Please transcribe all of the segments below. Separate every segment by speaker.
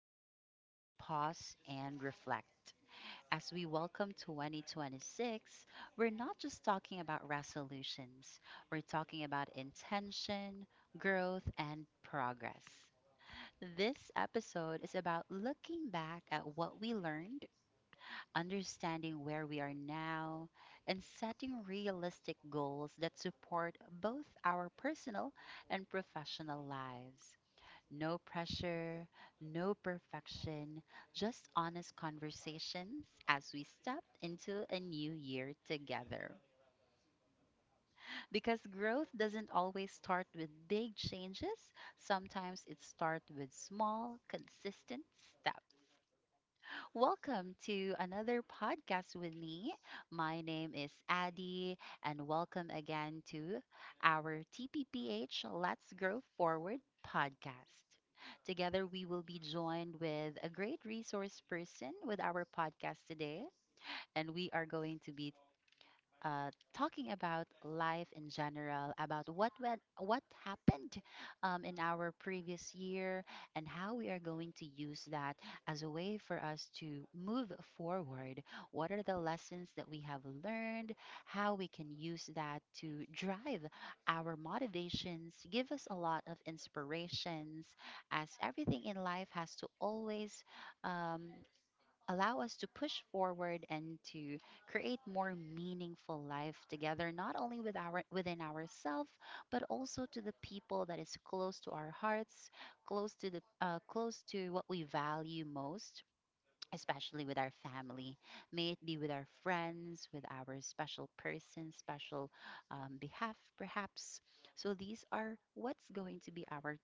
Speaker 1: and a chance to pause and reflect. As we welcome 2026, we're not just talking about resolutions, we're talking about intention, growth, and progress. This episode is about looking back at what we learned, understanding where we are now, and setting realistic goals that support both our personal and professional lives. No pressure, no perfection, just honest conversations as we step into a new year together. Because growth doesn't always start with big changes, sometimes it starts with small, consistent steps. Welcome to another podcast with me. My name is Addie, and welcome again to our TPPH Let's Grow Forward podcast. Together, we will be joined with a great resource person with our podcast today, and we are going to be talking about life in general, about what happened in our previous year, and how we are going to use that as a way for us to move forward. What are the lessons that we have learned? How we can use that to drive our motivations, give us a lot of inspirations, as everything in life has to always um, allow us to push forward and to create more meaningful life together not only with our within ourselves but also to the people that is close to our hearts, close to the close to what we value most, especially with our family. May it be with our friends, with our special person, special behalf, perhaps. So, these are what's going to be our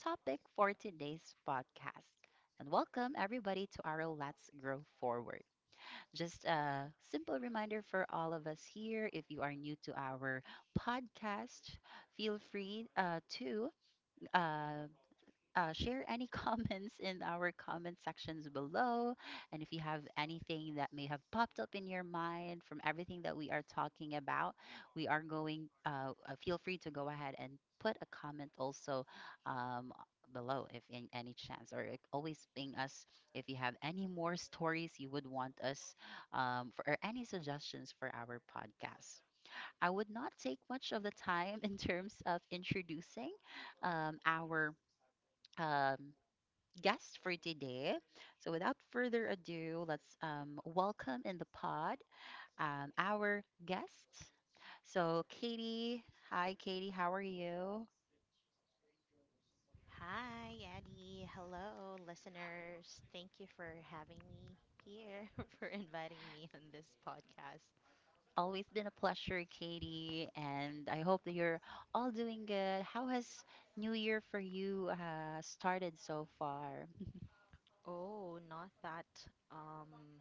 Speaker 1: topic for today's podcast. And welcome everybody to our Let's Grow Forward. Just a simple reminder for all of us here, if you are new to our podcast, feel free to uh, share any comments in our comment sections below. And if you have anything that may have popped up in your mind from everything that we are talking about, feel free to go ahead and put a comment also um, below if in any chance, or like, always ping us if you have any more stories you would want us or any suggestions for our podcast. I would not take much of the time in terms of introducing our. Um, guest for today. So, without further ado, let's welcome in the pod our guest. So, Katie, hi, Katie, how are you?
Speaker 2: Hi, Addie. Hello, listeners. Thank you for having me here, for inviting me on this podcast.
Speaker 1: Always been a pleasure, Katie, and I hope that you're all doing good. How has New Year for you started so far?
Speaker 2: Oh, not that, um,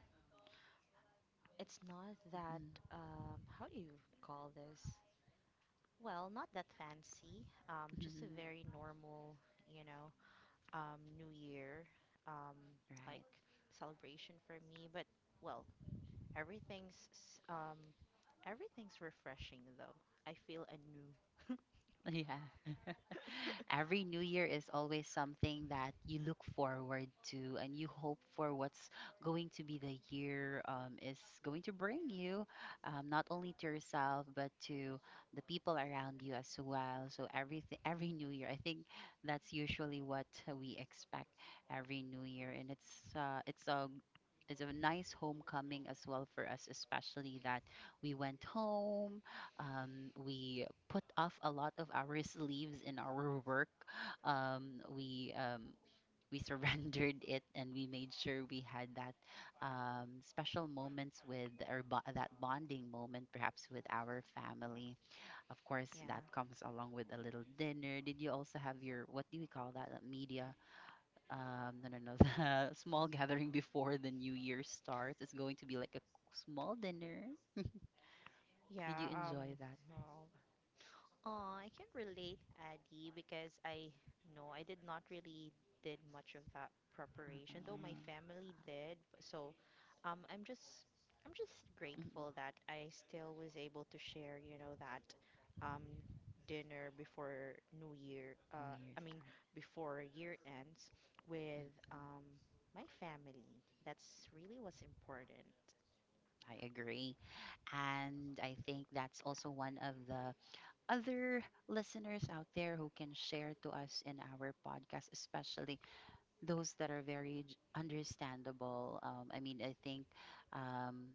Speaker 2: it's not that,
Speaker 1: Mhm,
Speaker 2: How do you call this? Well, not that fancy, just a very
Speaker 1: mhm,
Speaker 2: normal, you know, New Year um, like
Speaker 1: right.
Speaker 2: celebration for me. But well, everything's s- um, everything's refreshing though. I feel anew.
Speaker 1: Yeah. Every new year is always something that you look forward to and you hope for what's going to be the year, is going to bring you, not only to yourself, but to the people around you as well. So everything, every new year, I think that's usually what we expect every new year. And it's a nice homecoming as well for us, especially that we went home, we put off a lot of our sleeves in our work. Um, we um, we surrendered it and we made sure we had that special moments with or that bonding moment, perhaps with our family. Of course, that
Speaker 2: Yeah.
Speaker 1: comes along with a little dinner. Did you also have your what do we call that? Media? No, no, no. The small gathering before the new year starts. It's going to be like a small dinner. Did
Speaker 2: Yeah.
Speaker 1: you enjoy that?
Speaker 2: Well, Oh, I can relate, Addy, because I did not really did much of that preparation, though my
Speaker 1: Uh,
Speaker 2: family did. So, um, I'm just I'm just
Speaker 1: mm, mm,
Speaker 2: grateful that I still was able to share, you know, that um dinner before New Year,
Speaker 1: New Year's
Speaker 2: I mean
Speaker 1: start.
Speaker 2: before year ends with
Speaker 1: Mm.
Speaker 2: my family. That's really what's important.
Speaker 1: I agree. And I think that's also one of the other listeners out there who can share to us in our podcast, especially those that are very understandable. I mean, I think um,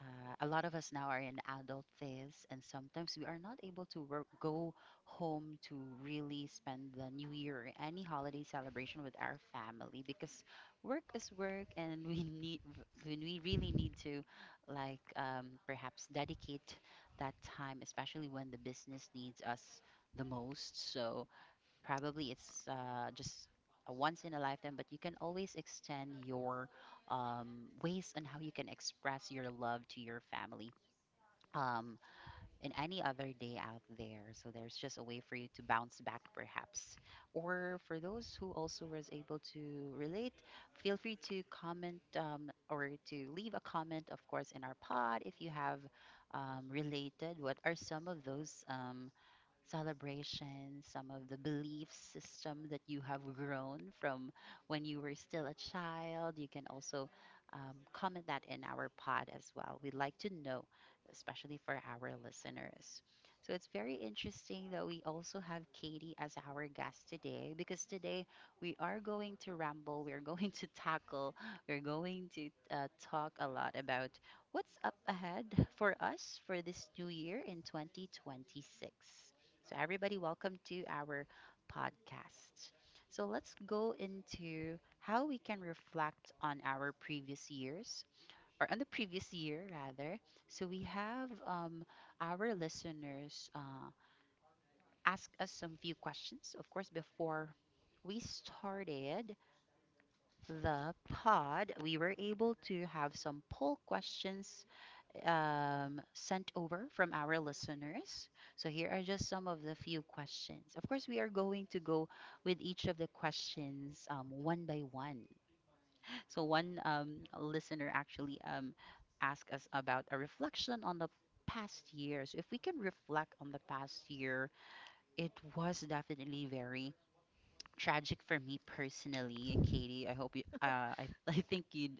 Speaker 1: a lot of us now are in adult phase, and sometimes we are not able to go home to really spend the new year or any holiday celebration with our family because work is work, and we need when we really need to, like, perhaps dedicate that time, especially when the business needs us the most. So probably it's just a once in a lifetime, but you can always extend your ways on how you can express your love to your family um, in any other day out there. So there's just a way for you to bounce back, perhaps. Or for those who also was able to relate, feel free to comment or to leave a comment, of course, in our pod if you have related. What are some of those? Celebrations, some of the belief system that you have grown from when you were still a child. You can also comment that in our pod as well. We'd like to know, especially for our listeners. So it's very interesting that we also have Katie as our guest today, because today we are going to ramble, we're going to tackle, we're going to talk a lot about what's up ahead for us for this new year in 2026. So, everybody, welcome to our podcast. So, let's go into how we can reflect on our previous years, or on the previous year, rather. So, we have our listeners ask us some few questions. Of course, before we started the pod, we were able to have some poll questions sent over from our listeners. So here are just some of the few questions. Of course, we are going to go with each of the questions one by one. So one listener actually asked us about a reflection on the past year. So if we can reflect on the past year, it was definitely very tragic for me personally, Katie. I hope you. I I think you'd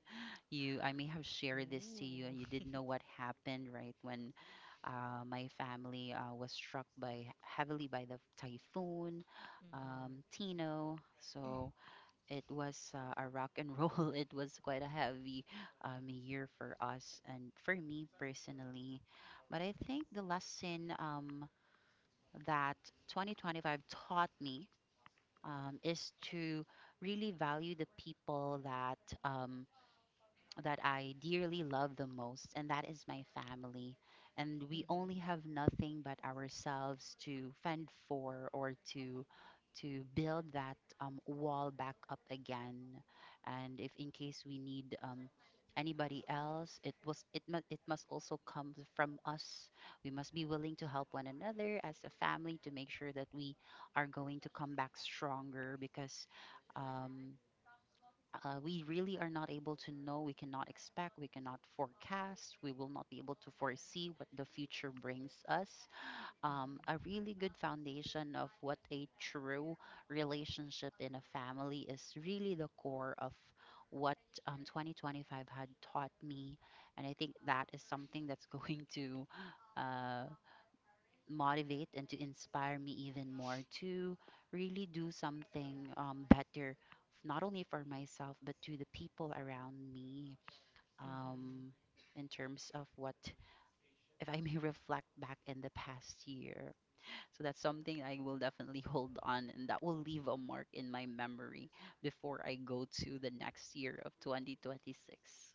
Speaker 1: you. I may have shared this to you, and
Speaker 2: Ooh.
Speaker 1: you didn't know what happened, right? When my family was struck by heavily by the typhoon, Tino. So it was a rock and roll. It was quite a heavy year for us and for me personally. But I think the lesson that 2025 taught me is to really value the people that um, that I dearly love the most, and that is my family. And we
Speaker 2: Mm-hmm.
Speaker 1: only have nothing but ourselves to fend for or to build that wall back up again. And if in case we need anybody else, it must also come from us. We must be willing to help one another as a family to make sure that we are going to come back stronger because. Um, we really are not able to know, we cannot expect, we cannot forecast, we will not be able to foresee what the future brings us.
Speaker 2: hmm
Speaker 1: A really good foundation of what a true relationship in a family is really the core of what, 2025 had taught me. And I think that is something that's going to uh, motivate and to inspire me even more to really do something better, not only for myself, but to the people around me.
Speaker 2: hmm
Speaker 1: Um, in terms of what, if I may reflect back in the past year. So that's something I will definitely hold on and that will leave a mark in my memory before I go to the next year of 2026.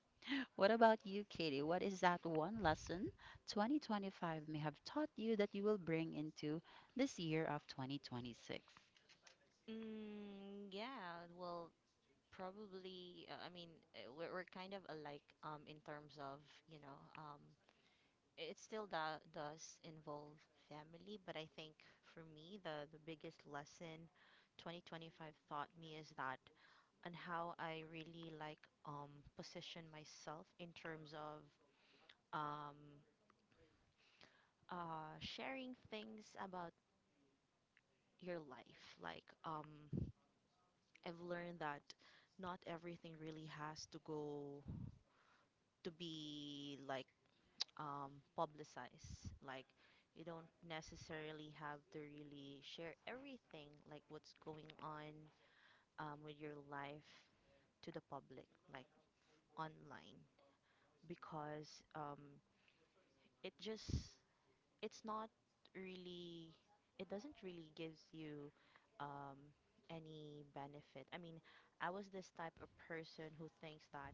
Speaker 1: What about you, Katie? What is that one lesson 2025 may have taught you that you will bring into this year of 2026?
Speaker 2: Yeah, well, probably. We're kind of alike in terms of, you know, um, it still does involve family, but I think for me, the biggest lesson 2025 taught me is that and how I really like position myself in terms of um, sharing things about your life. I've learned that not everything really has to go to be like publicize. Like, you don't necessarily have to really share everything, like what's going on with your life to the public, like online, because it just it's not really it doesn't really gives you um, any benefit. I mean, I was this type of person who thinks that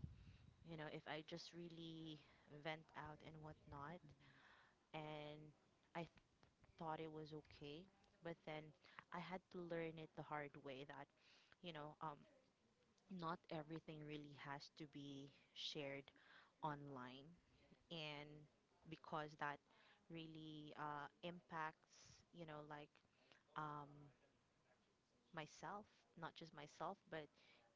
Speaker 2: you know if I just really vent out and whatnot, and I thought it was okay, but then I had to learn it the hard way that, you know, um, not everything really has to be shared online. And because that really impacts, um, myself, not just myself, but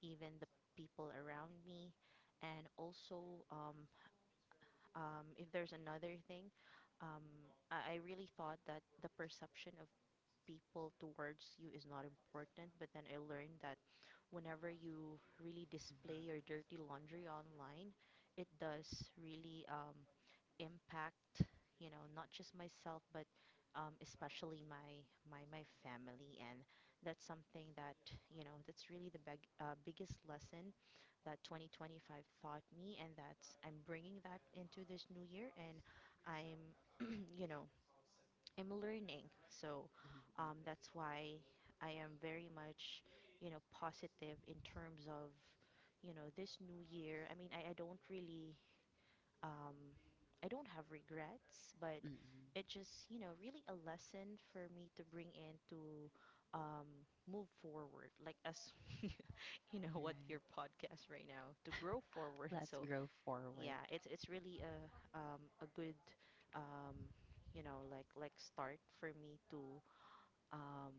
Speaker 2: even the people around me. And also, if there's another thing, um, I really thought that the perception people towards you is not important. But then I learned that whenever you really display your dirty laundry online, it does really impact, you know, not just myself, but especially my family. And that's something that you know that's really the biggest lesson that 2025 taught me, and that's I'm bringing that into this new year, and I'm you know am learning. So that's why I am very much, you know, positive in terms of, you know, this new year. I don't really, um, I don't have regrets, but
Speaker 1: Mm-hmm. Mm-hmm.
Speaker 2: it just, you know, really a lesson for me to bring in to um, move forward. Like, as you know, what
Speaker 1: Right.
Speaker 2: your podcast right now, to grow forward.
Speaker 1: Let's
Speaker 2: So
Speaker 1: grow forward.
Speaker 2: yeah, it's really a good um you know like start for me to um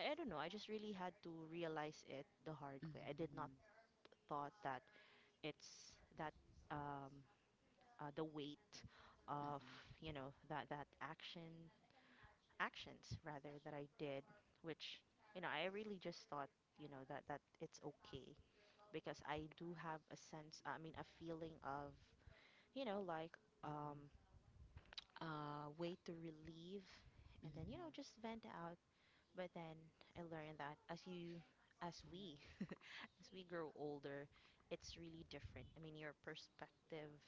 Speaker 2: I don't know, I just really had to realize it the hard way. I did not
Speaker 1: Mm-hmm.
Speaker 2: thought that it's that um the weight
Speaker 1: Mm-hmm.
Speaker 2: of
Speaker 1: Mm-hmm.
Speaker 2: you know that that actions rather that I did which you know I really just thought you know that it's okay because I do have a sense I mean a feeling of you know like um way to relieve and
Speaker 1: Mm-hmm.
Speaker 2: then you
Speaker 1: Mm-hmm.
Speaker 2: know just vent out but then I learned that as we as we grow older it's really different. I mean your perspective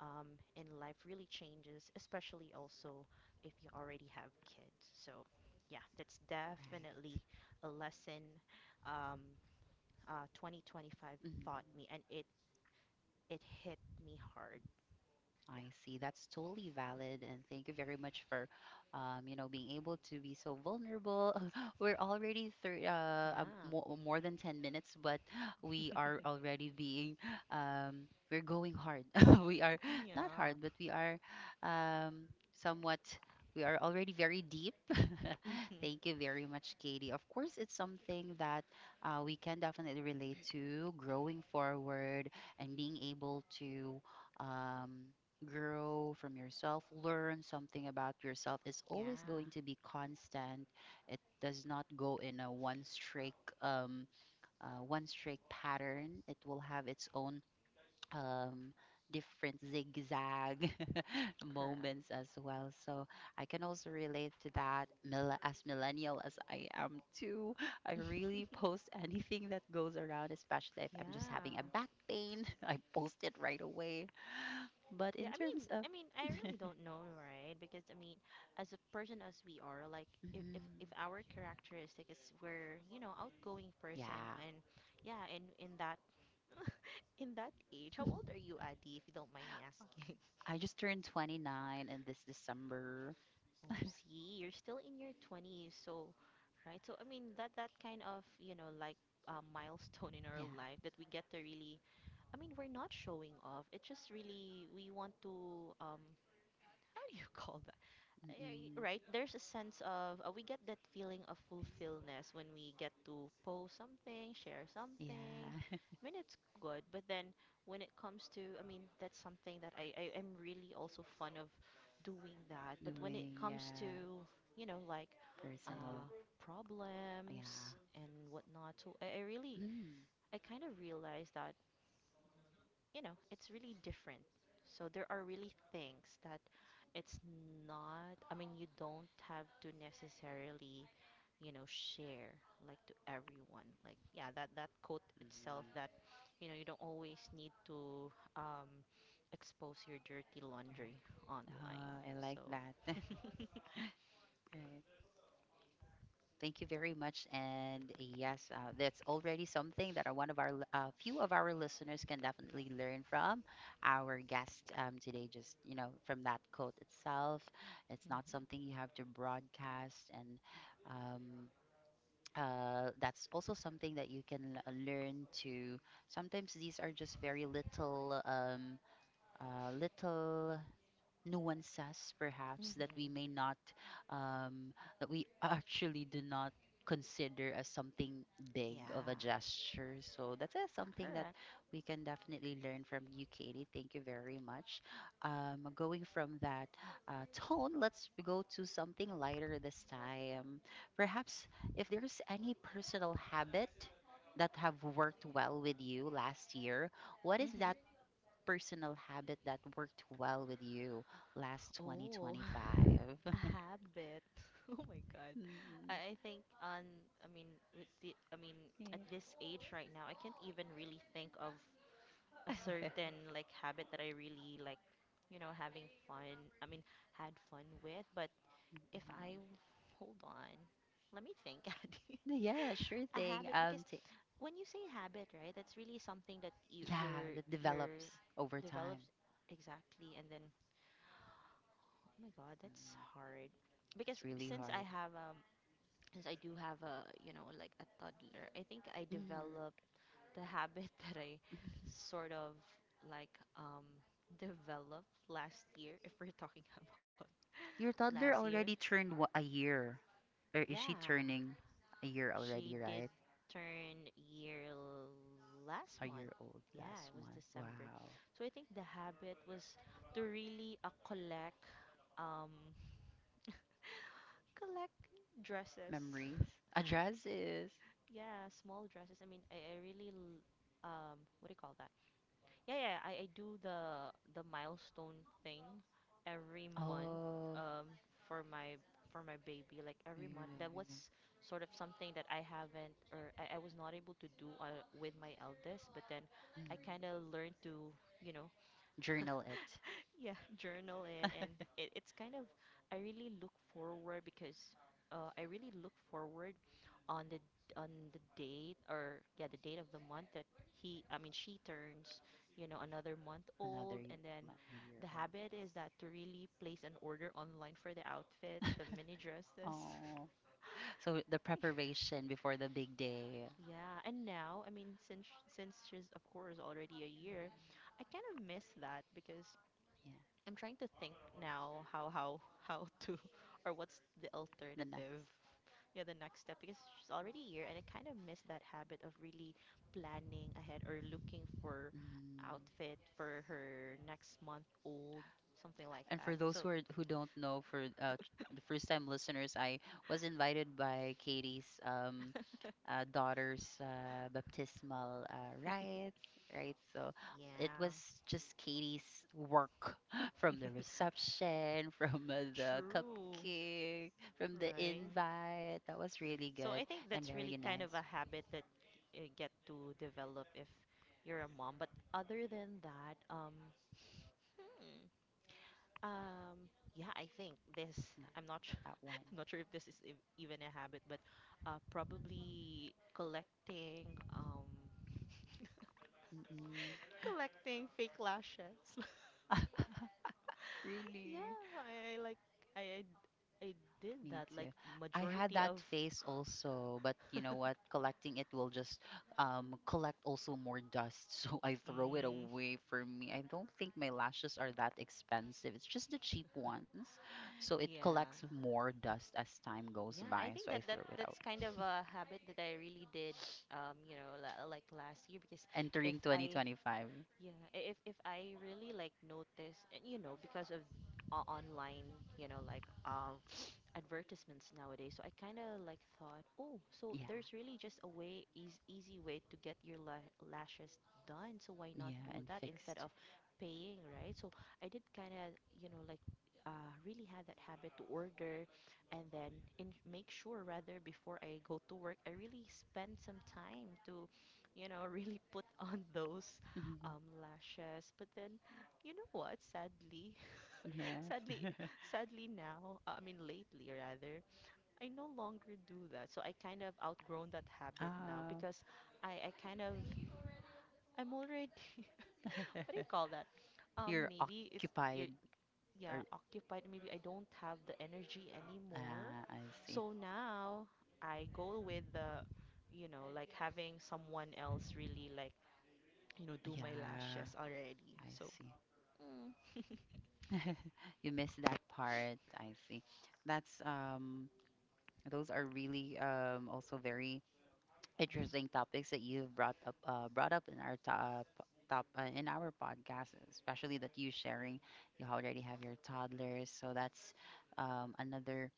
Speaker 2: in life really changes, especially also if you already have kids. So yeah, that's definitely
Speaker 1: Right.
Speaker 2: a lesson um, 2025 taught
Speaker 1: Mm-hmm.
Speaker 2: me and it hit me hard.
Speaker 1: I see. That's totally valid, and thank you very much for, you know, being able to be so vulnerable. We're already thir
Speaker 2: yeah
Speaker 1: uh, uh,
Speaker 2: yeah
Speaker 1: more, more than 10 minutes, but we are already being, we're going hard. We are not
Speaker 2: yeah
Speaker 1: hard, but we are, um, somewhat, we are already very deep. Thank you very much, Katie. Of course, it's something that we can definitely relate to, growing forward and being able to. Um, grow from yourself, learn something about yourself is always going
Speaker 2: yeah.
Speaker 1: to be constant. It does not go in a um, one straight pattern. It will have its own um, different zigzag
Speaker 2: Correct.
Speaker 1: moments as well. So I can also relate to that. As millennial as I am too, I really post anything that goes around, especially if I'm just having a
Speaker 2: Yeah.
Speaker 1: back pain. I post it right away. But in
Speaker 2: Yeah, I mean,
Speaker 1: terms of
Speaker 2: I mean, I really don't know, right? Because I mean, as a person as we are, like if
Speaker 1: mhm.
Speaker 2: our characteristic is we're, you know, outgoing person
Speaker 1: Yeah.
Speaker 2: and yeah, and in that age, how old are you, Adi, if you don't mind me asking?
Speaker 1: I just turned 29 in this December.
Speaker 2: Oh, see, you're still in your 20s, so right? So I mean, that kind of, you know, like a milestone in our
Speaker 1: Yeah.
Speaker 2: life that we get to really I mean, we're not showing off. It's just really we want to how do you call
Speaker 1: Mm-mm.
Speaker 2: Right, there's a sense of we get that feeling of fulfillment when we get to post something, share something.
Speaker 1: Yeah.
Speaker 2: I mean, it's good, but then when it comes to, I mean, that's something that I am really also fond of doing that. But when it
Speaker 1: Doing
Speaker 2: comes to,
Speaker 1: yeah,
Speaker 2: you know, like
Speaker 1: personal.
Speaker 2: uh,
Speaker 1: Yeah.
Speaker 2: problems and whatnot, so I really,
Speaker 1: Mm.
Speaker 2: I kind of realized that you know, it's really different. So there are really things that it's not, I mean, you don't have to necessarily, you know, share like to everyone. Like, yeah, that quote itself
Speaker 1: Mm.
Speaker 2: that, you know, you don't always need to um, expose your dirty laundry
Speaker 1: Right.
Speaker 2: online.
Speaker 1: I like
Speaker 2: So,
Speaker 1: that.
Speaker 2: mhm.
Speaker 1: Right. Thank you very much. And yes, that's already something that are one of our few of our listeners can definitely learn from our guest today. Just from that quote itself, it's not something you have to broadcast, and um, that's also something that you can learn to. Sometimes these are just very little, little nuances perhaps that
Speaker 2: Mhm.
Speaker 1: we may not um, that we actually do not consider as something big of a
Speaker 2: Yeah,
Speaker 1: gesture, so that's something that
Speaker 2: correct.
Speaker 1: we can definitely learn from you, Katie. Thank you very much. Going from that tone, let's go to something lighter this time, perhaps. If there's any personal habit that have worked well with you last year, what is
Speaker 2: Mhm.
Speaker 1: that personal habit that worked well with you last
Speaker 2: Oh,
Speaker 1: 2025?
Speaker 2: a habit. Oh my God.
Speaker 1: Mm,
Speaker 2: I think on, I mean, with the, I mean, at this age right now, I can't even really think of a
Speaker 1: yeah.
Speaker 2: certain like habit that I really like, you know, having fun. I mean, had fun with. But if I, hold on, let me think, Addy.
Speaker 1: Yeah, sure
Speaker 2: A
Speaker 1: thing.
Speaker 2: habit, because when you say habit, right, that's really something that you
Speaker 1: Yeah,
Speaker 2: you're
Speaker 1: that
Speaker 2: you're
Speaker 1: develops over time.
Speaker 2: develops exactly and then oh my god, that's
Speaker 1: Mm,
Speaker 2: hard. Because
Speaker 1: that's really
Speaker 2: since I
Speaker 1: hard.
Speaker 2: have since I do have a, you know, like a toddler, I think I
Speaker 1: Mm.
Speaker 2: developed the habit that I sort of like developed last year if we're talking about
Speaker 1: Your
Speaker 2: last
Speaker 1: toddler
Speaker 2: year.
Speaker 1: already turned a year, or is she
Speaker 2: Yeah,
Speaker 1: turning a year
Speaker 2: she
Speaker 1: already,
Speaker 2: did
Speaker 1: right?
Speaker 2: turn year last
Speaker 1: A year
Speaker 2: month.
Speaker 1: old
Speaker 2: Yeah,
Speaker 1: last
Speaker 2: it was
Speaker 1: month.
Speaker 2: December.
Speaker 1: Wow.
Speaker 2: So I think the habit was to really um collect dresses.
Speaker 1: Memories. Addresses.
Speaker 2: Yeah, small dresses. I mean, I really what do you call that? Yeah, I do the milestone thing every month
Speaker 1: Oh,
Speaker 2: um for my for my baby like every month. That
Speaker 1: really?
Speaker 2: was sort of something that I haven't or I was not able to do with my eldest, but then I
Speaker 1: Mm.
Speaker 2: kind of learned to, you know,
Speaker 1: Journal it.
Speaker 2: yeah, journal it, and it's kind of I really look forward because I really look forward on the date or yeah the date of the month that he I mean she turns you know another month
Speaker 1: Another
Speaker 2: old,
Speaker 1: y-
Speaker 2: and then
Speaker 1: a year
Speaker 2: the habit is that to really place an order online for the outfit,
Speaker 1: old.
Speaker 2: the mini dresses.
Speaker 1: Oh, so the preparation before the big day.
Speaker 2: Yeah, and now, I mean, since she's of course already a year, I kind of miss that because
Speaker 1: Yeah.
Speaker 2: I'm trying to think now how to or what's the
Speaker 1: The next.
Speaker 2: alternative. Yeah, the next step because she's already here and I kind of miss that habit of really planning ahead or looking for
Speaker 1: Mm.
Speaker 2: outfit for her next month old, something like
Speaker 1: And for
Speaker 2: that.
Speaker 1: those who
Speaker 2: So,
Speaker 1: are, who don't know, for the first time listeners, I was invited by Katie's daughter's baptismal rites, right? So it was
Speaker 2: yeah.
Speaker 1: just Katie's work from the reception, from the
Speaker 2: True.
Speaker 1: cupcake, from the
Speaker 2: Right.
Speaker 1: invite. That was really
Speaker 2: So
Speaker 1: good
Speaker 2: I think
Speaker 1: and
Speaker 2: that's
Speaker 1: very
Speaker 2: really kind of a
Speaker 1: nice.
Speaker 2: habit that you get to develop if you're a mom. But other than that, hmm. Yeah, I think this.
Speaker 1: Nice,
Speaker 2: I'm not. Sure,
Speaker 1: that one.
Speaker 2: I'm not sure if this is even a habit, but probably
Speaker 1: Mm-mm.
Speaker 2: collecting fake lashes.
Speaker 1: Really?
Speaker 2: Yeah, I, I I did
Speaker 1: Me
Speaker 2: that like
Speaker 1: too. I had
Speaker 2: majority
Speaker 1: that
Speaker 2: of.
Speaker 1: phase also, but you know what? Collecting it will just collect also more dust, so I throw it
Speaker 2: mm,
Speaker 1: away. For me, I don't think my lashes are that expensive. It's just the cheap ones, so it collects
Speaker 2: yeah,
Speaker 1: more dust as time goes
Speaker 2: yeah. I
Speaker 1: by,
Speaker 2: think
Speaker 1: so I
Speaker 2: that that
Speaker 1: throw it out.
Speaker 2: that's kind of a habit that I really did. You know, like last year because if
Speaker 1: Entering
Speaker 2: I
Speaker 1: 2025.
Speaker 2: yeah, if I really like notice, and you know, because of online, you know, like advertisements nowadays, so I kind of like thought, oh, so
Speaker 1: Yeah,
Speaker 2: there's really just a way, easy, easy way to get your lashes done. So why not
Speaker 1: yeah,
Speaker 2: do
Speaker 1: and
Speaker 2: that instead
Speaker 1: fixed.
Speaker 2: of paying, right? So I did kind of, you know, like really had that habit to order and then in make sure rather before I go to work, I really spend some time to, you know, really put on those
Speaker 1: Mhm.
Speaker 2: lashes. But then, you know what?
Speaker 1: Yes.
Speaker 2: Sadly, sadly now, lately rather, I no longer do that. So I kind of outgrown that habit now
Speaker 1: Ah,
Speaker 2: because I kind of, I'm already, what do you call that? Um,
Speaker 1: you're
Speaker 2: maybe it's,
Speaker 1: occupied,
Speaker 2: you're,
Speaker 1: or
Speaker 2: yeah, occupied. Maybe I don't have the energy anymore.
Speaker 1: ah, I see.
Speaker 2: So now I go with the, you know, like having someone else really like, you know, do my
Speaker 1: Yeah,
Speaker 2: lashes already.
Speaker 1: I
Speaker 2: So
Speaker 1: see.
Speaker 2: Mm.
Speaker 1: You missed that part. I see. That's um, those are really um, also very interesting topics that you've brought up, in our top top in our podcast, especially that you sharing. You already have your toddlers, so that's um, another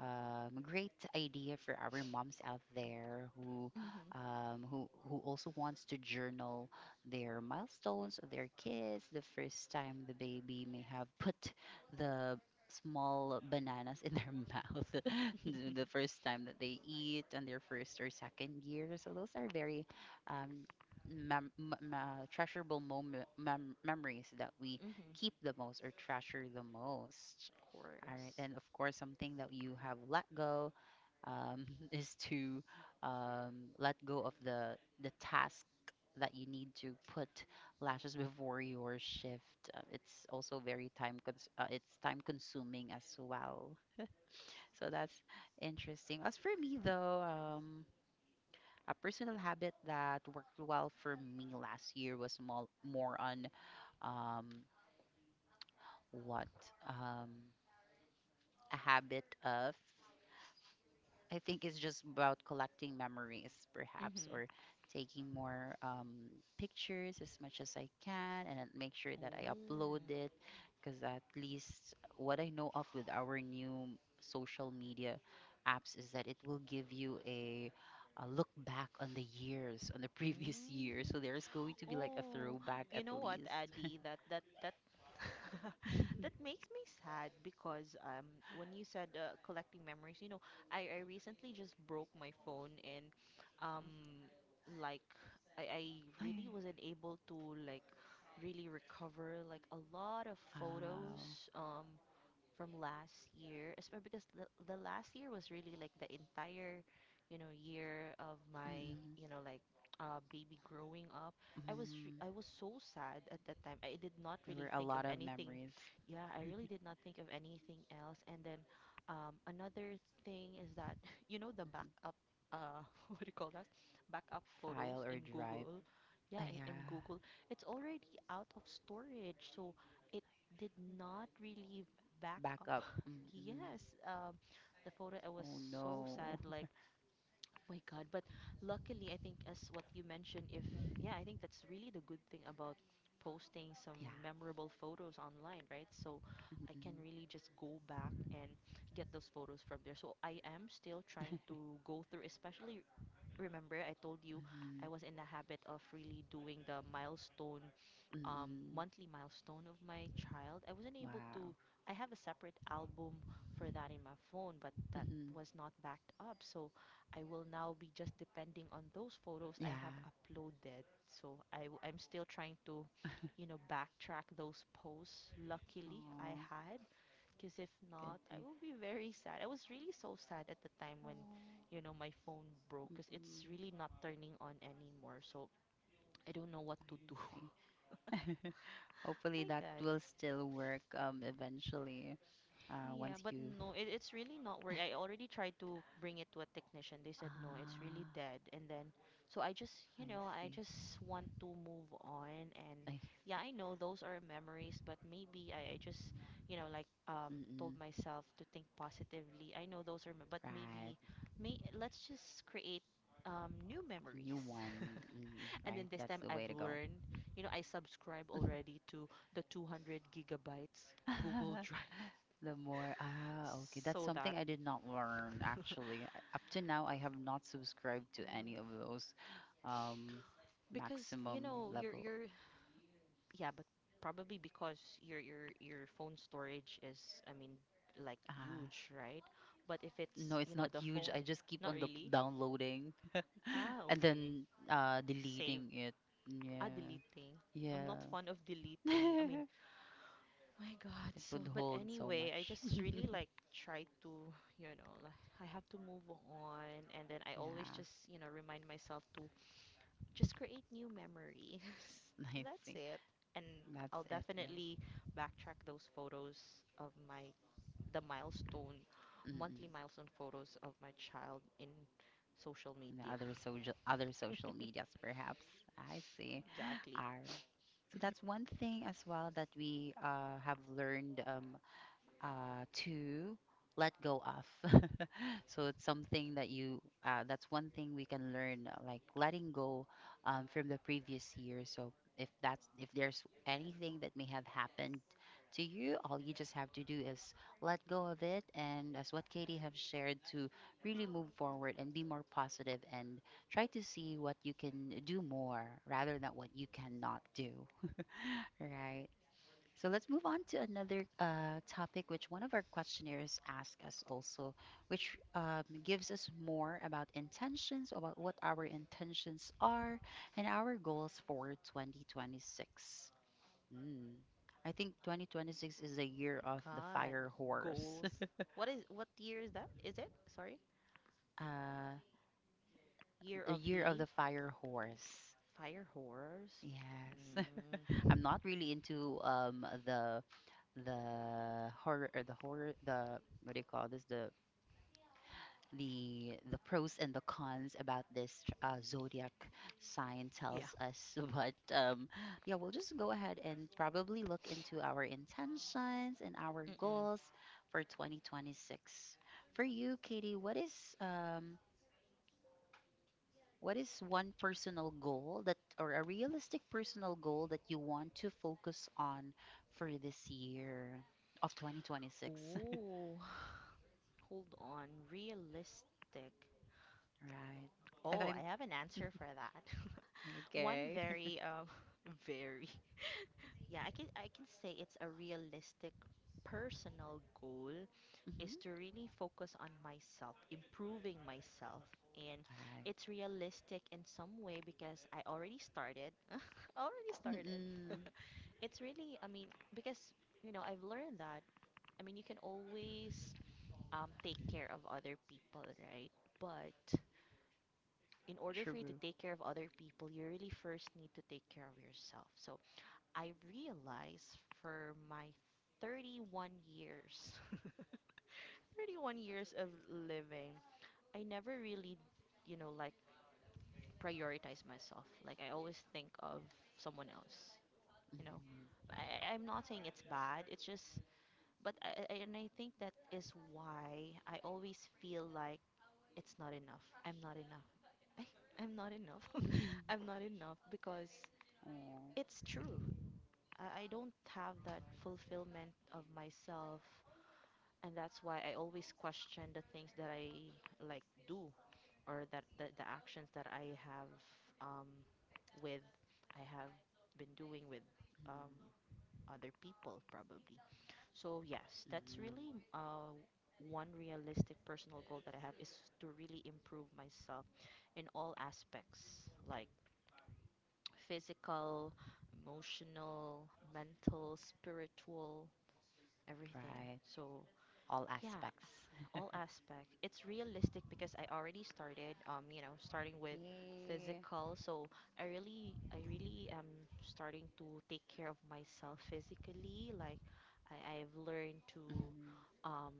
Speaker 1: great idea for our moms out there
Speaker 2: Mhm.
Speaker 1: who also wants to journal their milestones of their kids, the first time the baby may have put the small bananas in their mouth, the
Speaker 2: Mhm.
Speaker 1: first time that they eat, and their first or second year. So those are very um, treasurable memories that we
Speaker 2: Of
Speaker 1: keep the most or treasure the most. All right,
Speaker 2: course.
Speaker 1: and of course, something that you have let go um, is to let go of the task that you need to put lashes before your shift. Uh, it's time consuming as well. So that's interesting. As for me though, a personal habit that worked well for me last year was more, more on um, what um, a habit of. I think it's just about collecting memories, perhaps,
Speaker 2: Mhm.
Speaker 1: or taking more pictures as much as I can, and then make sure that I upload
Speaker 2: Oh.
Speaker 1: it. Because at least what I know of with our new social media apps is that it will give you a look back on the years, on the previous year. So
Speaker 2: Mm.
Speaker 1: there's going to be like a
Speaker 2: Oh.
Speaker 1: throwback
Speaker 2: You
Speaker 1: at
Speaker 2: know what,
Speaker 1: least.
Speaker 2: Addy? That That makes me sad because when you said collecting memories, I recently just broke my phone and
Speaker 1: Uh-huh.
Speaker 2: um like I
Speaker 1: Ay,
Speaker 2: really wasn't able to like really recover like a lot of
Speaker 1: wow.
Speaker 2: photos from last year, especially because the last year was really like the entire year of my,
Speaker 1: Mm-mm.
Speaker 2: you know, like baby growing up.
Speaker 1: Mm.
Speaker 2: I was so sad at that time. I did not
Speaker 1: There were
Speaker 2: really
Speaker 1: a
Speaker 2: think of
Speaker 1: lot of
Speaker 2: anything.
Speaker 1: memories.
Speaker 2: Yeah, I really did not think of anything else. And then another thing is that the
Speaker 1: Mhm.
Speaker 2: backup. Uh, what do you call that? Backup
Speaker 1: File
Speaker 2: photos
Speaker 1: or
Speaker 2: in
Speaker 1: drive.
Speaker 2: Google. Yeah,
Speaker 1: Ah,
Speaker 2: in
Speaker 1: yeah.
Speaker 2: Google, it's already out of storage, so it did not really back up.
Speaker 1: Backup. Mm-mm.
Speaker 2: Yes, the photo, I was
Speaker 1: Oh
Speaker 2: so
Speaker 1: no.
Speaker 2: sad, like, my God. But luckily, I think, as what you mentioned, if, yeah, I think that's really the good thing about posting some
Speaker 1: Yeah.
Speaker 2: memorable photos online, right? So I can
Speaker 1: Mm-mm.
Speaker 2: really just go back and get those photos from there. So I am still trying to go through, especially remember I told you
Speaker 1: Mhm.
Speaker 2: I was in the habit of really doing the milestone um,
Speaker 1: Mm-mm.
Speaker 2: monthly milestone of my child. I wasn't able to.
Speaker 1: Wow.
Speaker 2: I have a separate album for that in my phone, but that
Speaker 1: Mm-hmm.
Speaker 2: was not backed up. So I will now be just depending on those photos I have
Speaker 1: Yeah.
Speaker 2: uploaded. So I'm still trying to, backtrack those posts. Luckily, I
Speaker 1: Oh,
Speaker 2: had, because if
Speaker 1: good
Speaker 2: not, I
Speaker 1: thing.
Speaker 2: will be very sad. I was really so sad at the time when,
Speaker 1: Oh,
Speaker 2: my phone broke, because it's
Speaker 1: mm-mm.
Speaker 2: really not turning on anymore. So I don't know what
Speaker 1: I
Speaker 2: to do.
Speaker 1: see. Hopefully
Speaker 2: My
Speaker 1: that
Speaker 2: God.
Speaker 1: will still work um, eventually uh,
Speaker 2: Yeah,
Speaker 1: once
Speaker 2: but
Speaker 1: you've
Speaker 2: no, it's really not work. I already tried to bring it to a technician. They said no, it's really
Speaker 1: Ah,
Speaker 2: dead. And then, so I just,
Speaker 1: I
Speaker 2: you know, I
Speaker 1: see.
Speaker 2: just want to move on. And
Speaker 1: I see.
Speaker 2: yeah, I know those are memories, but maybe I just, like told
Speaker 1: Mm-mm.
Speaker 2: myself to think positively. I know those are, but
Speaker 1: Right.
Speaker 2: maybe, may let's just create new
Speaker 1: A new
Speaker 2: memories.
Speaker 1: one. Mm,
Speaker 2: And then
Speaker 1: right.
Speaker 2: this
Speaker 1: That's
Speaker 2: time
Speaker 1: the way
Speaker 2: I've
Speaker 1: to go.
Speaker 2: learned, I subscribe already to the 200 gigabytes Google Drive
Speaker 1: The more, ah, okay. That's
Speaker 2: so
Speaker 1: something
Speaker 2: that.
Speaker 1: I did not learn actually. Up to now, I have not subscribed to
Speaker 2: Mm.
Speaker 1: any of those um,
Speaker 2: because you
Speaker 1: maximum
Speaker 2: know
Speaker 1: level.
Speaker 2: your yeah, but probably because your phone storage is, I mean, like,
Speaker 1: Ah,
Speaker 2: huge, right? But if
Speaker 1: no,
Speaker 2: it's,
Speaker 1: it's not
Speaker 2: the
Speaker 1: huge.
Speaker 2: phone,
Speaker 1: I just keep
Speaker 2: not
Speaker 1: on the
Speaker 2: really.
Speaker 1: downloading
Speaker 2: Ah,
Speaker 1: and
Speaker 2: okay.
Speaker 1: then uh,
Speaker 2: Save.
Speaker 1: deleting it.
Speaker 2: Ah,
Speaker 1: Yeah.
Speaker 2: deleting. I'm not fond
Speaker 1: Yeah.
Speaker 2: of deleting, I mean, my God.
Speaker 1: It
Speaker 2: So,
Speaker 1: would
Speaker 2: but
Speaker 1: hold so
Speaker 2: anyway, I
Speaker 1: much.
Speaker 2: just really like try to, like, I have to move on. And then I always
Speaker 1: Yeah.
Speaker 2: just, remind myself to just create new memories.
Speaker 1: I
Speaker 2: That's
Speaker 1: see.
Speaker 2: it. And
Speaker 1: That's
Speaker 2: I'll
Speaker 1: it, right?
Speaker 2: definitely backtrack those photos of my the milestone monthly
Speaker 1: Mm-mm.
Speaker 2: milestone photos of my child in social
Speaker 1: And the
Speaker 2: media.
Speaker 1: other social medias perhaps. I see.
Speaker 2: Exactly.
Speaker 1: Are, so that's one thing as well that we have learned to let go of. So it's something that that's one thing we can learn, like letting go from the previous year. So if that's, if there's anything that may have happened to you, all you just have to do is let go of it. And as what Katie have shared, to really move forward and be more positive and try to see what you can do more rather than what you cannot do. Right. So let's move on to another topic, which one of our questionnaires asked us also, which gives us more about intentions, about what our intentions are, and our goals for 2026. Mm. I think 2026 is a year of the
Speaker 2: God,
Speaker 1: fire horse.
Speaker 2: goals. What year is that? Is it? Sorry.
Speaker 1: Uh,
Speaker 2: Year
Speaker 1: the
Speaker 2: of
Speaker 1: year of
Speaker 2: the
Speaker 1: the fire horse.
Speaker 2: fire horrors.
Speaker 1: Yes. I'm
Speaker 2: Mm.
Speaker 1: not really into um, the horror or the horror the what do you call this, the the pros and the cons about this zodiac sign
Speaker 2: Yeah.
Speaker 1: tells us. But um, yeah, we'll just go ahead and probably look into our intentions and our
Speaker 2: Mm-mm.
Speaker 1: goals for 2026. For you, Katie, what is um, what is one personal goal that, or a realistic personal goal, that you want to focus on for this year of 2026?
Speaker 2: Ooh. Hold on. Realistic.
Speaker 1: Right. if
Speaker 2: Oh, I
Speaker 1: I'm
Speaker 2: have an answer for that. One
Speaker 1: Okay.
Speaker 2: very very, yeah, I can say it's a realistic personal goal is
Speaker 1: Mhm.
Speaker 2: to really focus on myself, improving myself. And
Speaker 1: All
Speaker 2: it's
Speaker 1: right.
Speaker 2: realistic in some way because I already started. Already started.
Speaker 1: Mm-mm.
Speaker 2: It's really, I mean, because, I've learned that, I mean, you can always take care of other people, right? But in order for you to
Speaker 1: True.
Speaker 2: take care of other people, you really first need to take care of yourself. So I realized for my 31 years, 31 years of living, I never really, like prioritize myself. Like I always think of someone else,
Speaker 1: Mm.
Speaker 2: you know. I'm not saying it's bad, it's just, but and I think that is why I always feel like it's not enough. I'm not enough. I, I'm not enough. I'm not enough because
Speaker 1: Oh.
Speaker 2: it's true. I don't have that fulfillment of myself, and that's why I always question the things that I like do or that the actions that I have um, with I have been doing with um, other people probably. So yes, that's
Speaker 1: Mm.
Speaker 2: really one realistic personal goal that I have is to really improve myself in all aspects, like physical, emotional, mental, spiritual, everything.
Speaker 1: Right.
Speaker 2: So
Speaker 1: All
Speaker 2: yeah,
Speaker 1: aspects.
Speaker 2: all aspect. It's realistic because I already started, starting with
Speaker 1: Yeah.
Speaker 2: physical. So I really am starting to take care of myself physically. Like I've learned to,
Speaker 1: Mhm.
Speaker 2: um,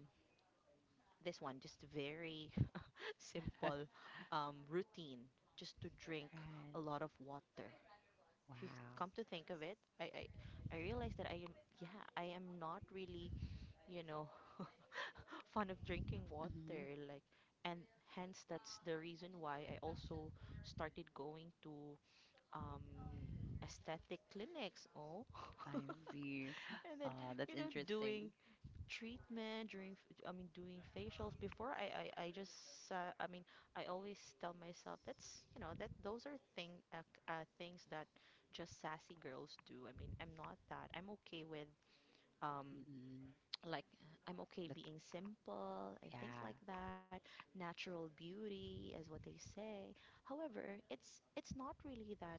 Speaker 2: this one just very simple routine, just to drink
Speaker 1: Right.
Speaker 2: a lot of water. If you
Speaker 1: Wow.
Speaker 2: come to think of it, I realize that I am, yeah, I am not really, you know fond of drinking water,
Speaker 1: Mhm.
Speaker 2: like, and hence that's the reason why I also started going to um aesthetic clinics. Oh.
Speaker 1: I see.
Speaker 2: And then,
Speaker 1: That's
Speaker 2: doing
Speaker 1: interesting.
Speaker 2: treatment during I mean doing facials before I just, I mean, I always tell myself that's, that those are things that just sassy girls do. I mean, I'm not that, I'm okay with, um
Speaker 1: Mm-mm.
Speaker 2: like, I'm okay
Speaker 1: That,
Speaker 2: being simple and things
Speaker 1: yeah.
Speaker 2: like that. Natural beauty is what they say. However, it's not really that,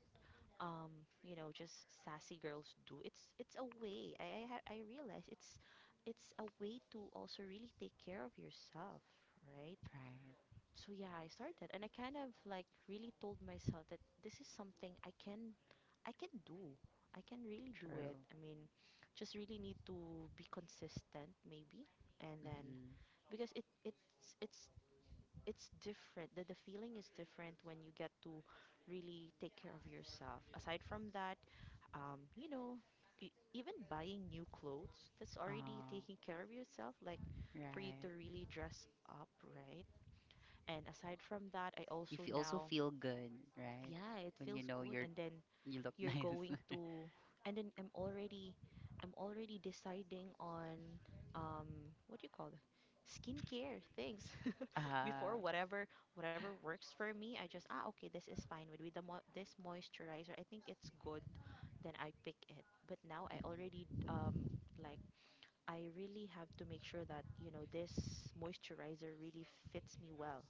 Speaker 2: um just sassy girls do. It's a way, I realize it's a way to also really take care of yourself, right?
Speaker 1: Right.
Speaker 2: So yeah, I started, and I kind of like really told myself that this is something I can do. I can really do it,
Speaker 1: True.
Speaker 2: I mean, just really need to be consistent, maybe, and then,
Speaker 1: Mm-hmm.
Speaker 2: because it it's it's different. The feeling is different when you get to really take care of yourself. Aside from that, um, you know, even buying new clothes, that's already
Speaker 1: Ah,
Speaker 2: taking care of yourself, like for you to
Speaker 1: right.
Speaker 2: really dress up, right? And aside from that, I
Speaker 1: You
Speaker 2: also
Speaker 1: feel, also
Speaker 2: now,
Speaker 1: feel good, right?
Speaker 2: yeah, it
Speaker 1: When you
Speaker 2: feels
Speaker 1: know
Speaker 2: good.
Speaker 1: you're
Speaker 2: And then
Speaker 1: you look
Speaker 2: you're
Speaker 1: nice.
Speaker 2: going to, and then I'm already deciding on, what do you call it? Skincare things.
Speaker 1: Uh,
Speaker 2: Before, whatever works for me, I just, ah, okay, this is fine with, this moisturizer, I think it's good, then I pick it. But now I already, like, I really have to make sure that, this moisturizer really fits me well.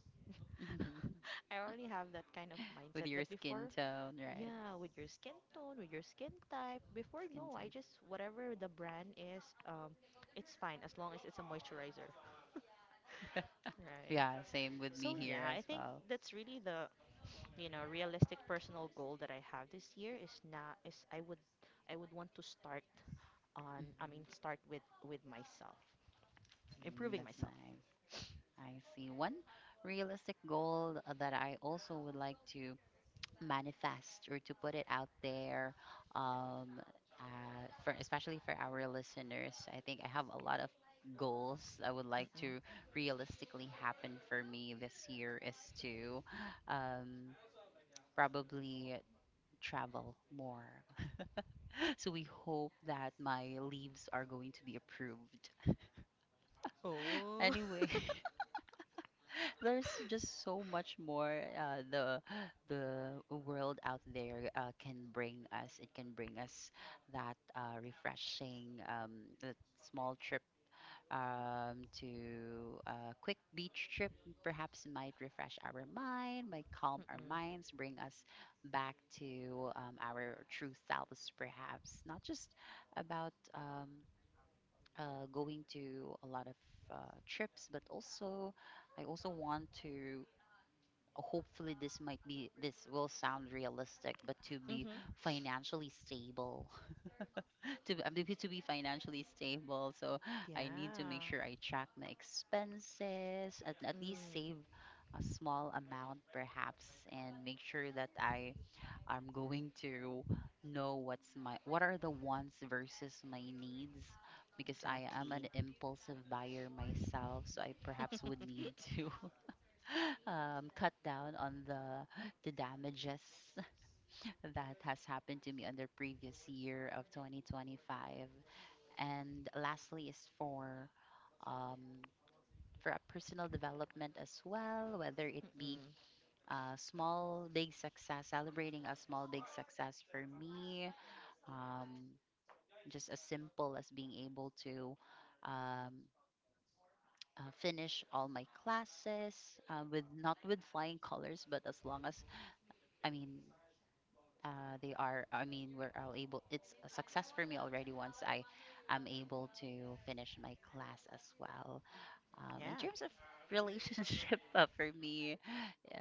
Speaker 1: mhm. Mhm.
Speaker 2: I already have that kind of
Speaker 1: With
Speaker 2: mindset,
Speaker 1: your
Speaker 2: but
Speaker 1: skin
Speaker 2: before,
Speaker 1: tone, right?
Speaker 2: yeah, with your skin tone, with your skin type. Before,
Speaker 1: Skin
Speaker 2: no, I just, whatever the brand is, it's fine as long as it's a moisturizer,
Speaker 1: type.
Speaker 2: right?
Speaker 1: Yeah, same with me
Speaker 2: So
Speaker 1: here
Speaker 2: yeah,
Speaker 1: as
Speaker 2: I think
Speaker 1: well.
Speaker 2: that's really the, realistic personal goal that I have this year is not, is, I would want to start on, I mean,
Speaker 1: Mhm.
Speaker 2: start with myself,
Speaker 1: Mm,
Speaker 2: improving
Speaker 1: that's
Speaker 2: myself.
Speaker 1: nice. I see. One realistic goal that I also would like to manifest, or to put it out there, um, for especially for our listeners. I think I have a lot of goals I would like to
Speaker 2: Mm-mm.
Speaker 1: realistically happen for me this year, is to um, probably travel more. So we hope that my leaves are going to be approved.
Speaker 2: Oh.
Speaker 1: Anyway, there's just so much more the world out there can bring us. It can bring us that refreshing that small trip to a quick beach trip. Perhaps might refresh our mind, might calm our
Speaker 2: Mm-mm.
Speaker 1: minds, bring us back to our true selves. Perhaps not just about going to a lot of trips, but also I also want to, hopefully this might be, this will sound realistic, but to be
Speaker 2: Mm-hmm.
Speaker 1: financially stable. To be, I mean, to be financially stable, so I need to make
Speaker 2: Yeah.
Speaker 1: sure I track my expenses, at least
Speaker 2: Mm.
Speaker 1: save a small amount perhaps, and make sure that I, I'm going to know what's my, what are the wants versus my needs, because I am an
Speaker 2: Exactly.
Speaker 1: impulsive buyer myself, so I perhaps would need to cut down on the damages that has happened to me on the previous year of 2025. And lastly is um, for a personal development as well, whether it be
Speaker 2: Mm-mm.
Speaker 1: a small big success, celebrating a small big success for me, um, just as simple as being able to um, finish all my classes with not with flying colors, but as long as I mean they are, I mean we're all able, it's a success for me already once I am able to finish my class as well in
Speaker 2: Yeah.
Speaker 1: terms of relationship. Uh, for me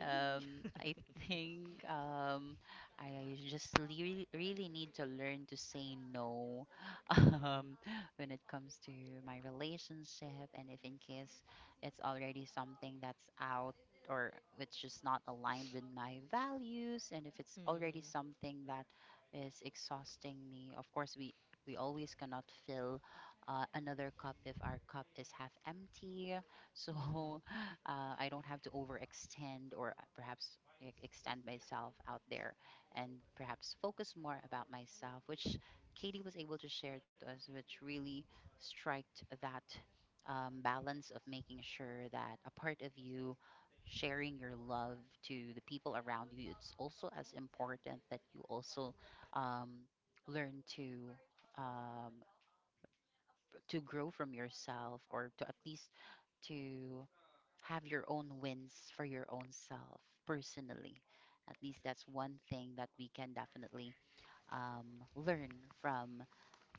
Speaker 1: I think I just really, really need to learn to say no.
Speaker 2: Mm.
Speaker 1: Um, when it comes to my relationship, and if in case it's already something that's out, or which is not aligned with my values, and if it's already
Speaker 2: Mm.
Speaker 1: something that is exhausting me, of course we always cannot fill another cup if our cup is half empty. So
Speaker 2: Mhm.
Speaker 1: I don't have to overextend, or perhaps extend myself out there, and perhaps focus more about myself, which Katie was able to share to us, which really striked that balance of making sure that a part of you sharing your love to the people around you, it's also as important that you also um, learn um, to grow from yourself, or to at least to have your own wins for your own self personally. At least that's one thing that we can definitely learn from